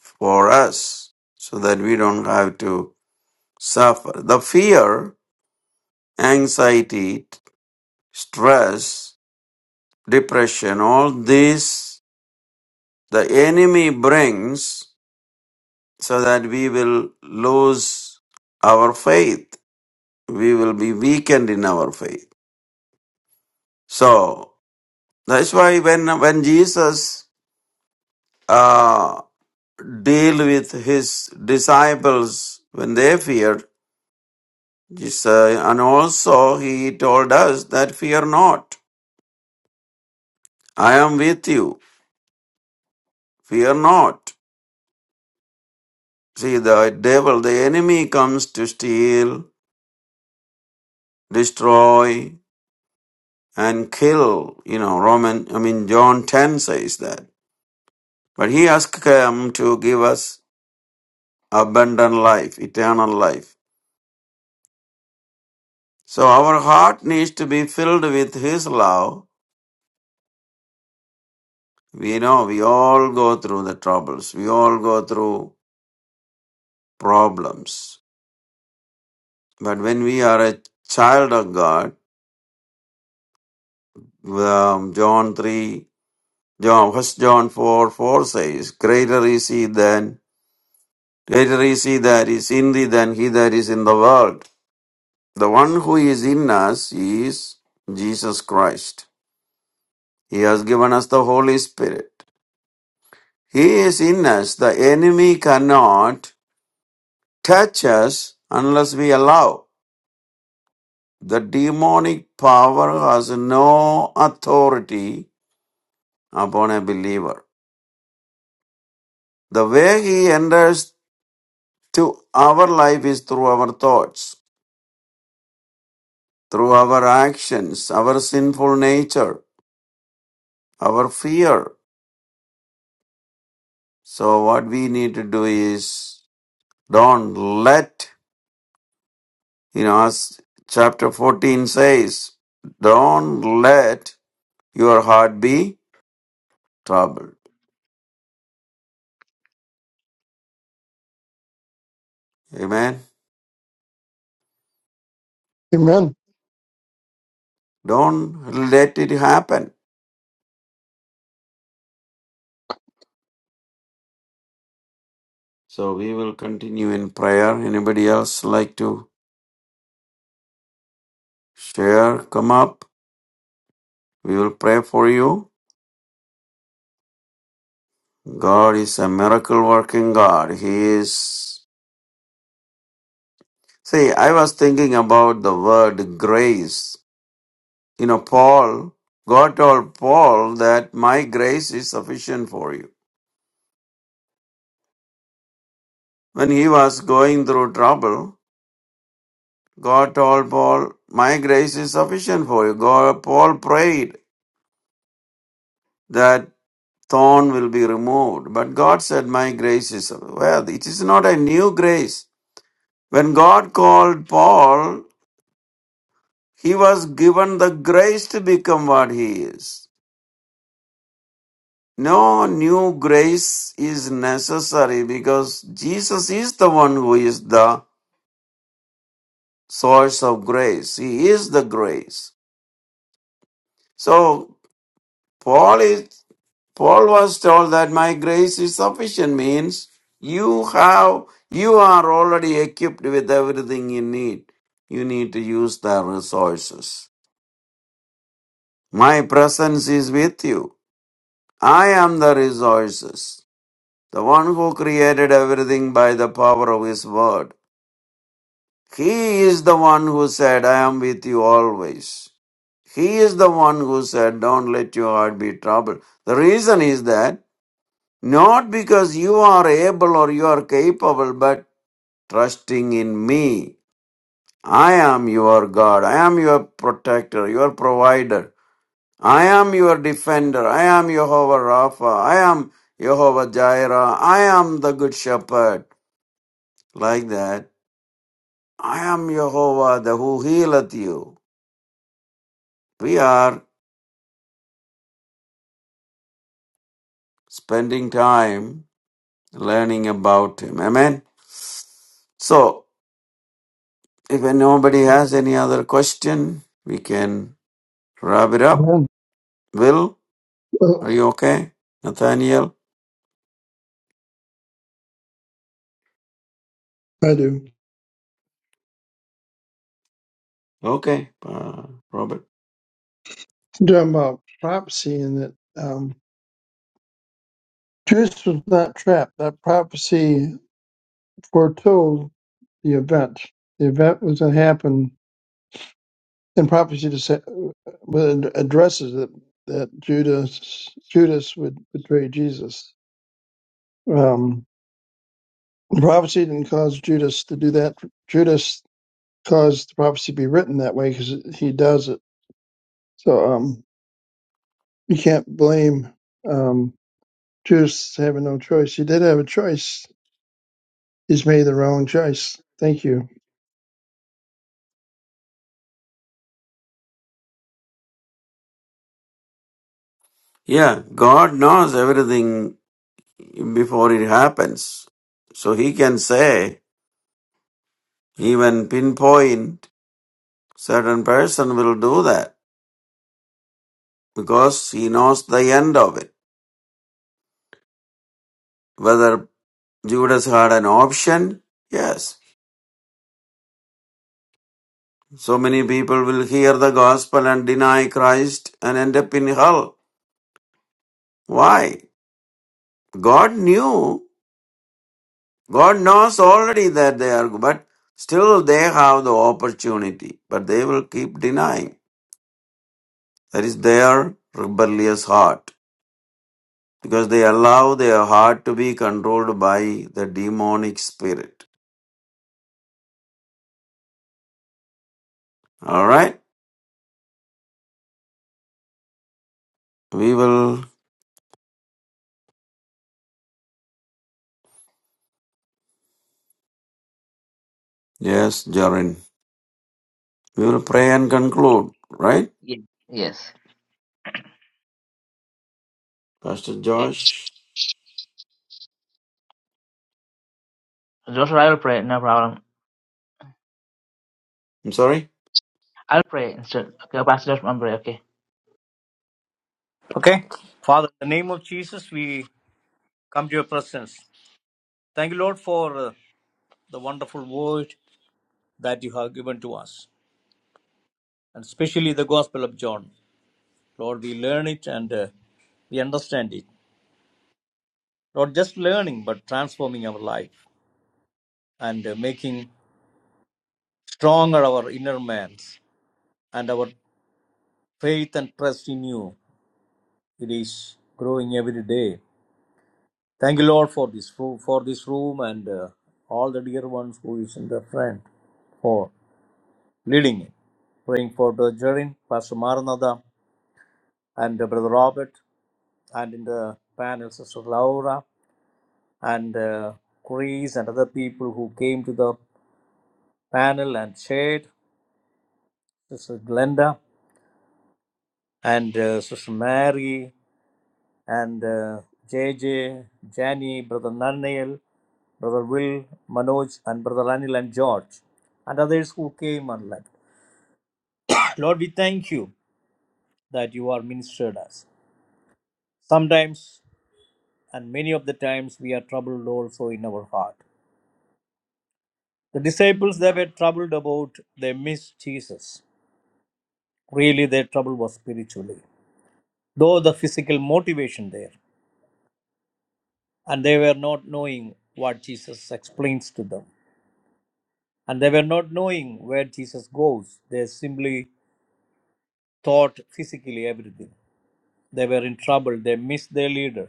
for us so that we don't have to suffer. The fear, anxiety, stress, depression, all this the enemy brings so that we will lose our faith. We will be weakened in our faith. So that's why when when Jesus uh, deal with his disciples when they feared. Jesus, and also he told us that fear not. I am with you. Fear not. See, the devil, the enemy comes to steal, destroy, and kill. You know, Roman, I mean, John 10 says that. But he has come to give us abundant life, eternal life. So our heart needs to be filled with his love We know we all go through the troubles, we all go through problems. But when we are a child of God, um, John 3, John, first, John 4, 4 says, Greater is he than, greater is he that is in thee than he that is in the world. The one who is in us is Jesus Christ. He has given us the Holy Spirit. He is in us. The enemy cannot touch us unless we allow. The demonic power has no authority upon a believer. The way he enters to our life is through our thoughts, through our actions, our sinful nature, our fear. So what we need to do is don't let, you know, as chapter 14 says, don't let your heart be troubled. Amen.
Amen.
Don't let it happen. So we will continue in prayer. Anybody else like to share? Come up. We will pray for you. God is a miracle working God. He is. See, I was thinking about the word grace. You know, Paul, God told Paul that my grace is sufficient for you. When he was going through trouble, God told Paul, my grace is sufficient for you. God, Paul prayed that thorn will be removed. But God said, My grace is, well, it is not a new grace. When God called Paul, he was given the grace to become what he is. No new grace is necessary because Jesus is the one who is the source of grace. He is the grace. So Paul is Paul was told that my grace is sufficient means you have you are already equipped with everything you need. You need to use the resources. My presence is with you. I am the resources. The one who created everything by the power of his word. He is the one who said, I am with you always. He is the one who said, Don't let your heart be troubled. The reason is that Not because you are able or you are capable, but trusting in me. I am your God. I am your protector, your provider. I am your defender. I am Jehovah Rapha. I am Jehovah Jireh. I am the good shepherd. Like that. I am Jehovah, the who healeth you. We are spending time learning about him. Amen. So, if nobody has any other question, we can Wrap it up.
Amen.
Will, are
Well,
you okay? Nathaniel?
I do.
Okay, uh, Robert.
I'm talking about prophecy and that um, Judas was not trapped. That prophecy foretold the event. The event was going to happen, and prophecy just uh, well, it addresses that that Judas Judas would betray Jesus. Um, The prophecy didn't cause Judas to do that. Judas caused the prophecy to be written that way because he does it. So um, you can't blame um, Judas having no choice. He did have a choice. He's made the wrong choice. Thank you.
Yeah, God knows everything before it happens. So he can say, even pinpoint, certain person will do that because he knows the end of it. Whether Judas had an option? Yes. So many people will hear the gospel and deny Christ and end up in hell. Why? God knew God knows already that they are, but still they have the opportunity, but they will keep denying. That is their rebellious heart because they allow their heart to be controlled by the demonic spirit. All right, we will, yes, Jaren, we will pray and conclude, right?
Ye- Yes.
Pastor
Yes.
Josh,
Joshua, I will pray. No problem.
I'm sorry.
I'll pray instead. Okay, Pastor, I'm worry. Okay,
Okay. Father, in the name of Jesus, we come to your presence. Thank you, Lord, for uh, the wonderful word that you have given to us, and especially the Gospel of John. Lord, we learn it and uh, we understand it. Not just learning, but transforming our life and uh, making stronger our inner man's and our faith and trust in you it is growing every day thank you lord for this fo- for this room and uh, all the dear ones who is in the front for leading it praying for Brother Jerin, pastor maranatha and uh, brother robert and in the panel sister laura and uh, chris and other people who came to the panel and shared sister glenda and uh, sister mary and uh, J, J, Jani, Brother Nanail, Brother Will, Manoj, and Brother Anil and George, and others who came and left. Lord, we thank you that you are ministered us. Sometimes, and many of the times, we are troubled also in our heart. The disciples they were troubled about they missed Jesus. Really, their trouble was spiritually, though the physical motivation there, and they were not knowing what Jesus explains to them. and they were not knowing where Jesus goes. They simply thought physically everything. They were in trouble. They missed their leader.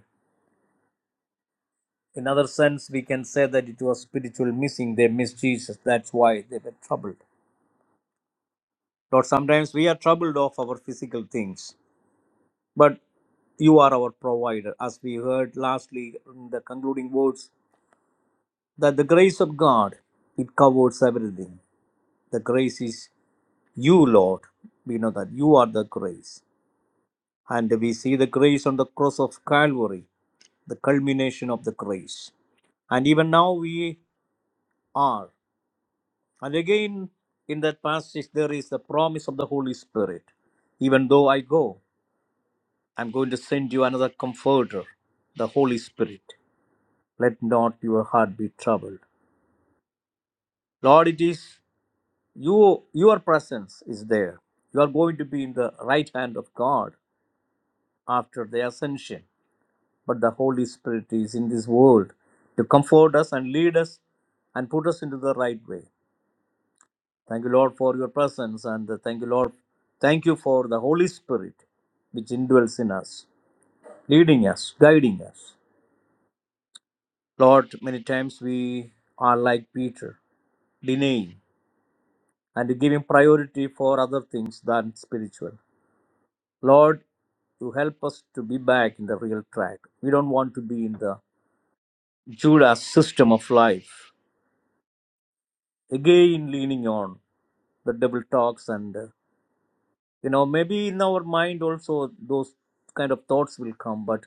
In other sense, we can say that it was spiritual missing. They missed Jesus. That's why they were troubled. Lord, sometimes we are troubled of our physical things, but you are our provider. As we heard lastly in the concluding words, that the grace of God, it covers everything. The grace is you, Lord. We know that you are the grace And we see the grace on the cross of Calvary, the culmination of the grace. And even now we are. And again, in that passage, there is the promise of the Holy Spirit. Even though I go, I'm going to send you another comforter, the Holy Spirit. Let not your heart be troubled. Lord, it is you, your presence is there. You are going to be in the right hand of God after the ascension. but the Holy Spirit is in this world to comfort us and lead us and put us into the right way. Thank you, Lord, for your presence, and thank you, Lord, thank you for the Holy Spirit which indwells in us, leading us, guiding us. Lord, many times we are like Peter, denying and giving priority for other things than spiritual. Lord, you help us to be back in the real track. We don't want to be in the Judas system of life, again leaning on. the double talks and uh, you know maybe in our mind also those kind of thoughts will come but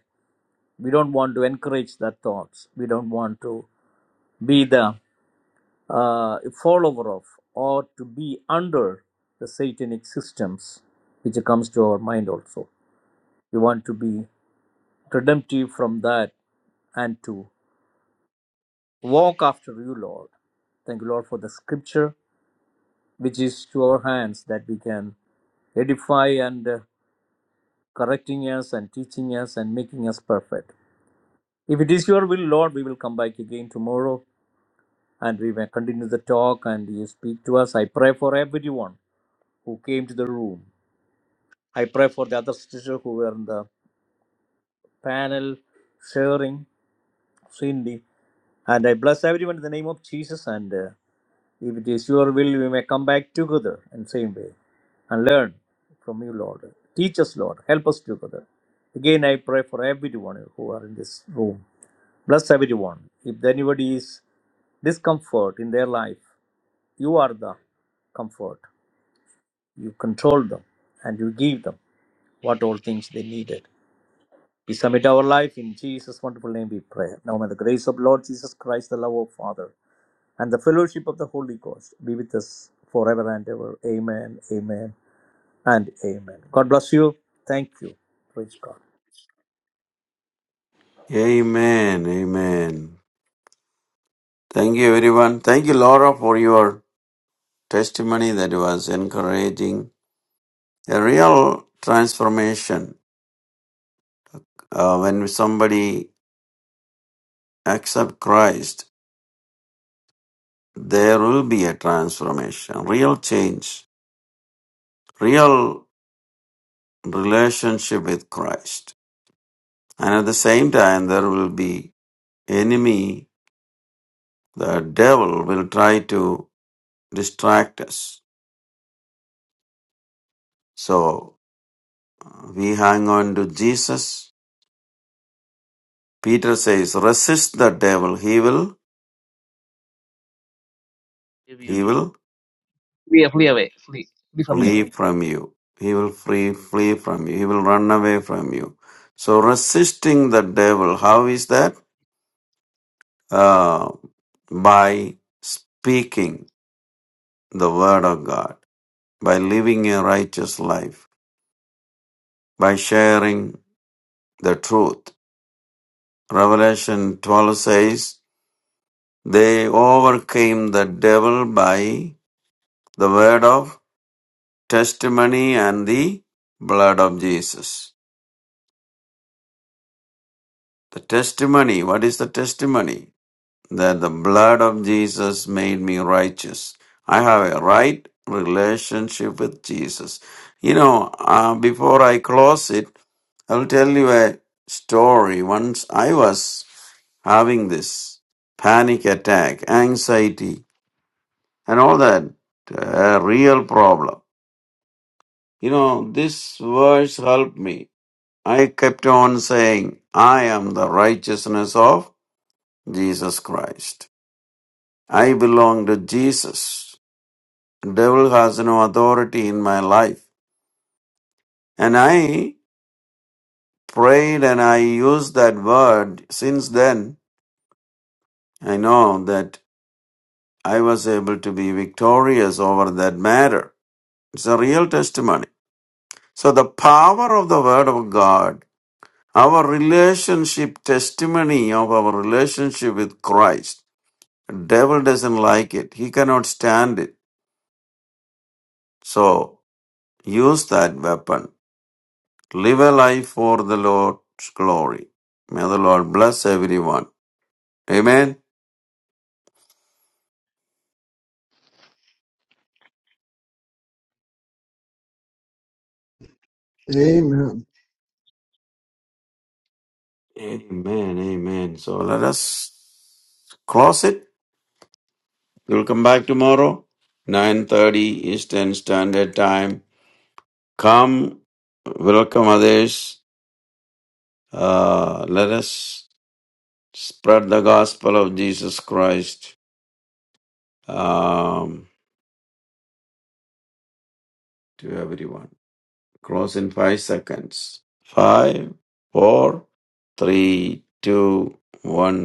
we don't want to encourage that thoughts we don't want to be the uh, follower of or to be under the satanic systems which comes to our mind also we want to be redemptive from that and to walk after you lord thank you lord for the scripture which is to our hands that we can edify and uh, correcting us and teaching us and making us perfect. If it is your will, Lord, we will come back again tomorrow and we may continue the talk and you speak to us. I pray for everyone who came to the room. I pray for the other sisters who were in the panel, sharing, Cindy. And I bless everyone in the name of Jesus. And uh, if it is your will, we may come back together in the same way and learn from you, Lord. Teach us, Lord. Help us together. Again, I pray for everyone who are in this room. Bless everyone. If anybody is discomfort in their life, you are the comfort. You control them and you give them what all things they needed. We submit our life in Jesus' wonderful name we pray. Now may the grace of Lord Jesus Christ, the love of Father, and the fellowship of the Holy Ghost be with us forever and ever. Amen, amen, and amen. God bless you. Thank you. Praise God.
Amen, amen. Thank you, everyone. Thank you, Laura, for your testimony that was encouraging A real transformation, uh, when somebody accept Christ, there will be a transformation, real change, real relationship with Christ. And at the same time, there will be enemy, the devil will try to distract us. So we hang on to Jesus. Peter says, resist the devil. He will,
give you.
he will
Flee, flee away. Flee, flee from you.
flee from you. He will free, flee from you. He will run away from you. So resisting the devil, how is that? Uh, by speaking the word of God, by living a righteous life, by sharing the truth. Revelation 12 says, they overcame the devil by the word of testimony and the blood of Jesus. The testimony, what is the testimony? that the blood of Jesus made me righteous. I have a right relationship with Jesus. You know, uh, before I close it, I'll tell you a story. Once I was having this panic attack, anxiety, and all that uh, real problem. You know, this verse helped me. I kept on saying, I am the righteousness of Jesus Christ. I belong to Jesus. Devil has no authority in my life. And I prayed and I used that word. Since then, I know that I was able to be victorious over that matter. It's a real testimony. So the power of the word of God, our relationship testimony of our relationship with Christ, devil doesn't like it. He cannot stand it. So use that weapon Live a life for the Lord's glory. May the Lord bless everyone. Amen.
Amen.
Amen. Amen. So let us close it. We'll come back tomorrow, 9.30 Eastern Standard Time. Come, welcome others. Uh, let us spread the gospel of Jesus Christ um, to everyone. Cross in five seconds. Five, four, three, two, one.